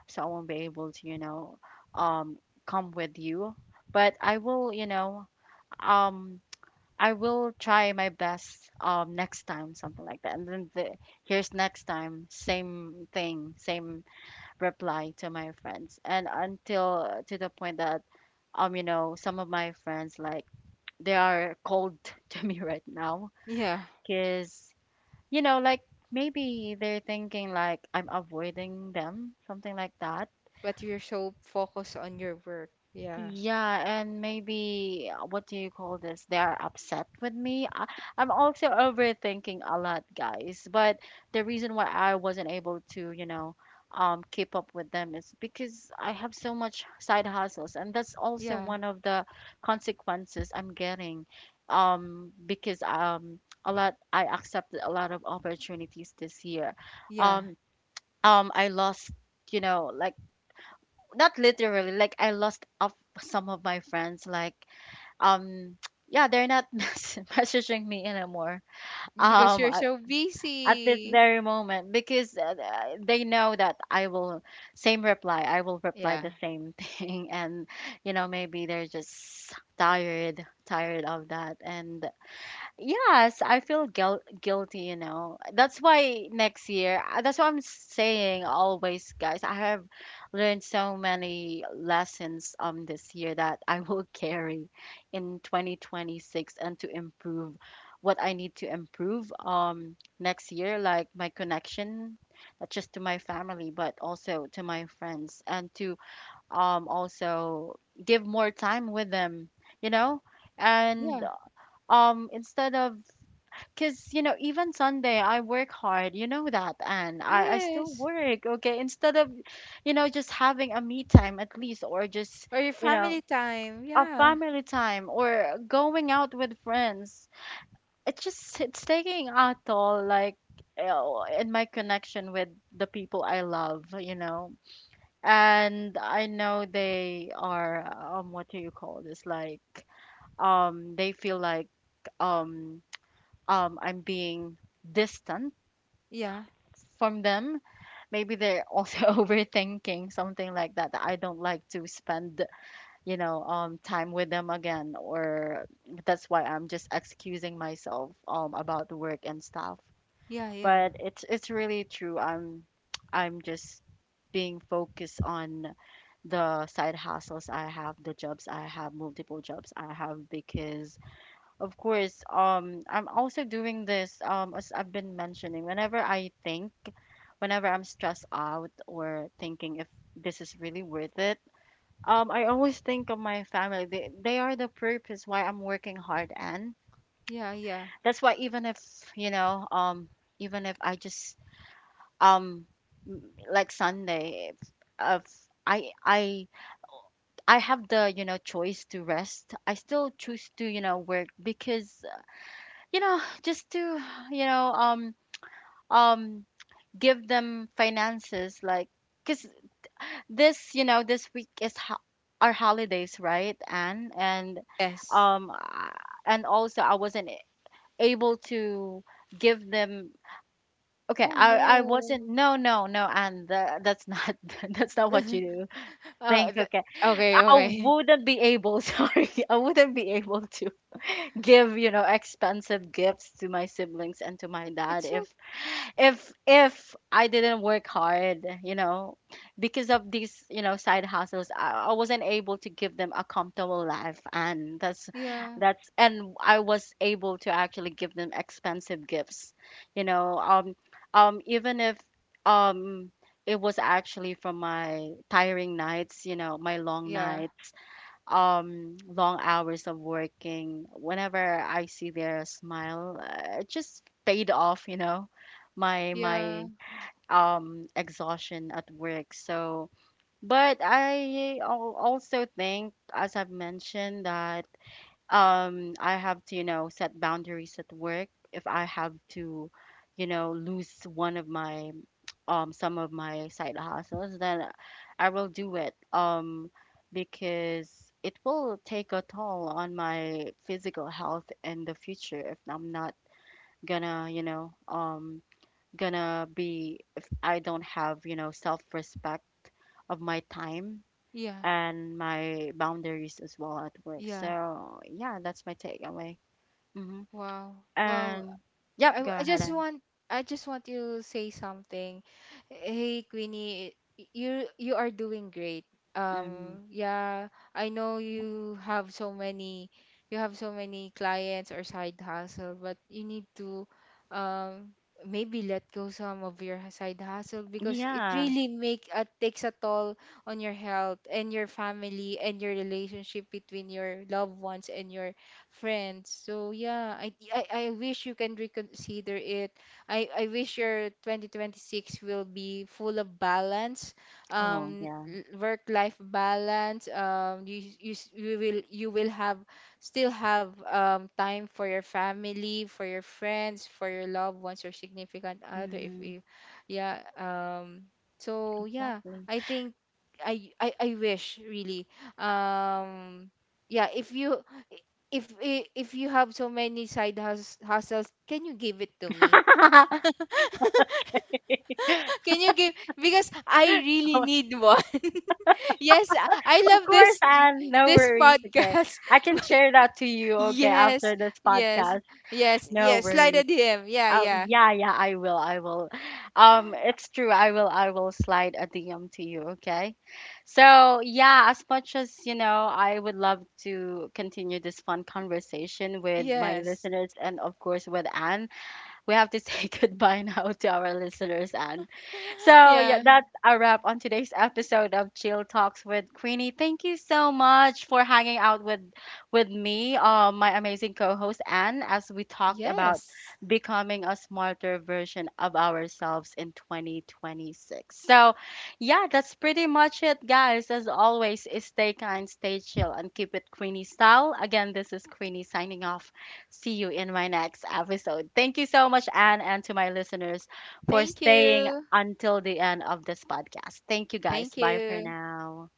S1: so I won't be able to, you know, um, come with you. But I will, you know, um, I will try my best um, next time, something like that. And then the, here's next time, same thing, same reply to my friends. And until to the point that, um, you know, some of my friends like they are cold to me right now,
S2: yeah.
S1: because, you know, like maybe they're thinking like I'm avoiding them, something like that.
S2: But you're so focused on your work. Yeah,
S1: Yeah, and maybe uh, what do you call this? They are upset with me. I, I'm also overthinking a lot, guys. But the reason why I wasn't able to, you know, um, keep up with them is because I have so much side hustles, and that's also
S2: yeah,
S1: one of the consequences I'm getting. Um, because um, a lot I accepted a lot of opportunities this year.
S2: yeah.
S1: Um, um, I lost, you know, like not literally, like I lost of some of my friends, like um yeah, they're not mess- messaging me anymore
S2: Because
S1: um
S2: you're
S1: at,
S2: so
S1: at this
S2: busy.
S1: very moment, because uh, they know that I will, same reply, I will reply
S2: Yeah,
S1: the same thing. And, you know, maybe they're just tired tired of that. And yes, I feel guil- guilty, you know. That's why next year, uh, that's what I'm saying always, guys. I have learned so many lessons um this year that I will carry in twenty twenty-six, and to improve what I need to improve um next year, like my connection, not just to my family, but also to my friends, and to um also give more time with them, you know? And
S2: yeah,
S1: um instead of, because, you know, even Sunday, I work hard. You know that, and I, I
S2: yeah.
S1: still work, okay? Instead of, you know, just having a me time at least, or just,
S2: Or your
S1: you know,
S2: family time.
S1: a
S2: Yeah,
S1: family time or going out with friends. It's just, it's taking a toll, like, you, in my connection with the people I love, you know? And I know they are, um, what do you call this? Like, um, they feel like, um, um, I'm being distant
S2: yeah,
S1: from them. Maybe they're also overthinking something like that, that I don't like to spend, you know, um time with them again, or that's why I'm just excusing myself um about the work and stuff.
S2: yeah, yeah,
S1: But it's it's really true. I'm i'm just being focused on the side hustles I have, the jobs I have, multiple jobs I have. Because of course, um, I'm also doing this, um, as I've been mentioning, whenever I think, whenever I'm stressed out or thinking if this is really worth it, um, I always think of my family. They, they are the purpose why I'm working hard. And
S2: yeah, yeah.
S1: that's why even if, you know, um, even if I just, um, m- like Sunday, if, if I, I, I have the, you know, choice to rest, I still choose to, you know, work, because, you know, just to, you know um um give them finances, like, because this, you know, this week is ho- our holidays, right? And and
S2: Yeah.
S1: um uh, and also, I wasn't able to give them. Okay,
S2: Oh,
S1: i i
S2: no.
S1: wasn't, no no no and the, that's not that's not what you do.
S2: Uh,
S1: Think,
S2: th-
S1: okay, I
S2: okay, okay.
S1: wouldn't be able, sorry, I wouldn't be able to give, you know, expensive gifts to my siblings and to my dad,
S2: It's so,
S1: if, if if I didn't work hard, you know, because of these, you know, side hustles. I, I wasn't able to give them a comfortable life, and that's
S2: yeah,
S1: that's and I was able to actually give them expensive gifts, you know, um, um, even if um. It was actually from my tiring nights, you know, my long
S2: yeah,
S1: nights um long hours of working. Whenever I see their smile, uh, it just paid off, you know, my my
S2: yeah,
S1: um exhaustion at work. So but I al- also think, as I've mentioned, that um I have to, you know, set boundaries at work. If I have to, you know, lose one of my um some of my side hustles, then I will do it. Um, because it will take a toll on my physical health in the future if I'm not gonna, you know, um gonna be if I don't have, you know, self-respect of my time
S2: yeah,
S1: and my boundaries as well at work.
S2: yeah.
S1: So yeah, that's my takeaway. Hmm.
S2: Wow. Wow.
S1: And yep,
S2: I,
S1: go
S2: I
S1: ahead.
S2: just
S1: And
S2: want, I just want to say something. Hey, Queenie, y- you, you are doing great.
S1: mm,
S2: Um, yeah, I know you have so many you have so many clients or side hustle, but you need to um maybe let go some of your side hustle, because it
S1: yeah.
S2: really make, uh, takes a toll on your health and your family and your relationship between your loved ones and your friends. So yeah, I I, I wish you can reconsider it. I, I wish your twenty twenty-six will be full of balance,
S1: Oh
S2: um,
S1: yeah.
S2: work life balance. Um, you, you s- you will, you will have still have um time for your family, for your friends, for your loved ones, your significant other. If
S1: Mm,
S2: you, yeah, um. So yeah,
S1: exactly.
S2: I think I I, I wish really um yeah, if you, if i- if you have so many side hus- hustles, can you give it to me? Can you give, because I really need one. Yes, I I
S1: Of
S2: love
S1: course,
S2: this
S1: and no
S2: this
S1: worries. Okay,
S2: podcast.
S1: I can share that to you. Okay,
S2: Yes,
S1: after this
S2: yes,
S1: podcast,
S2: yes,
S1: no
S2: yes. Slide a
S1: worries.
S2: D M. Yeah,
S1: Oh,
S2: yeah,
S1: yeah, yeah, I will, I will. Um, it's true. I will, I will slide a D M to you, okay? So, yeah, as much as, you know, I would love to continue this fun conversation with my
S2: yes,
S1: listeners and of course with Anne, we have to say goodbye now to our listeners. And so yeah,
S2: yeah,
S1: that's a wrap on today's episode of Chill Talks with Queenie. Thank you so much for hanging out with with me, uh, my amazing co-host Anne, as we talked about
S2: yes.
S1: becoming a smarter version of ourselves in twenty twenty-six. So yeah, that's pretty much it, guys. As always, stay kind, stay chill, and keep it Queenie style. Again, this is Queenie signing off. See you in my next episode. Thank you so much, Anne, and to my listeners for
S2: Thank
S1: staying
S2: you,
S1: until the end of this podcast. Thank you, guys.
S2: thank
S1: Bye for
S2: you.
S1: now.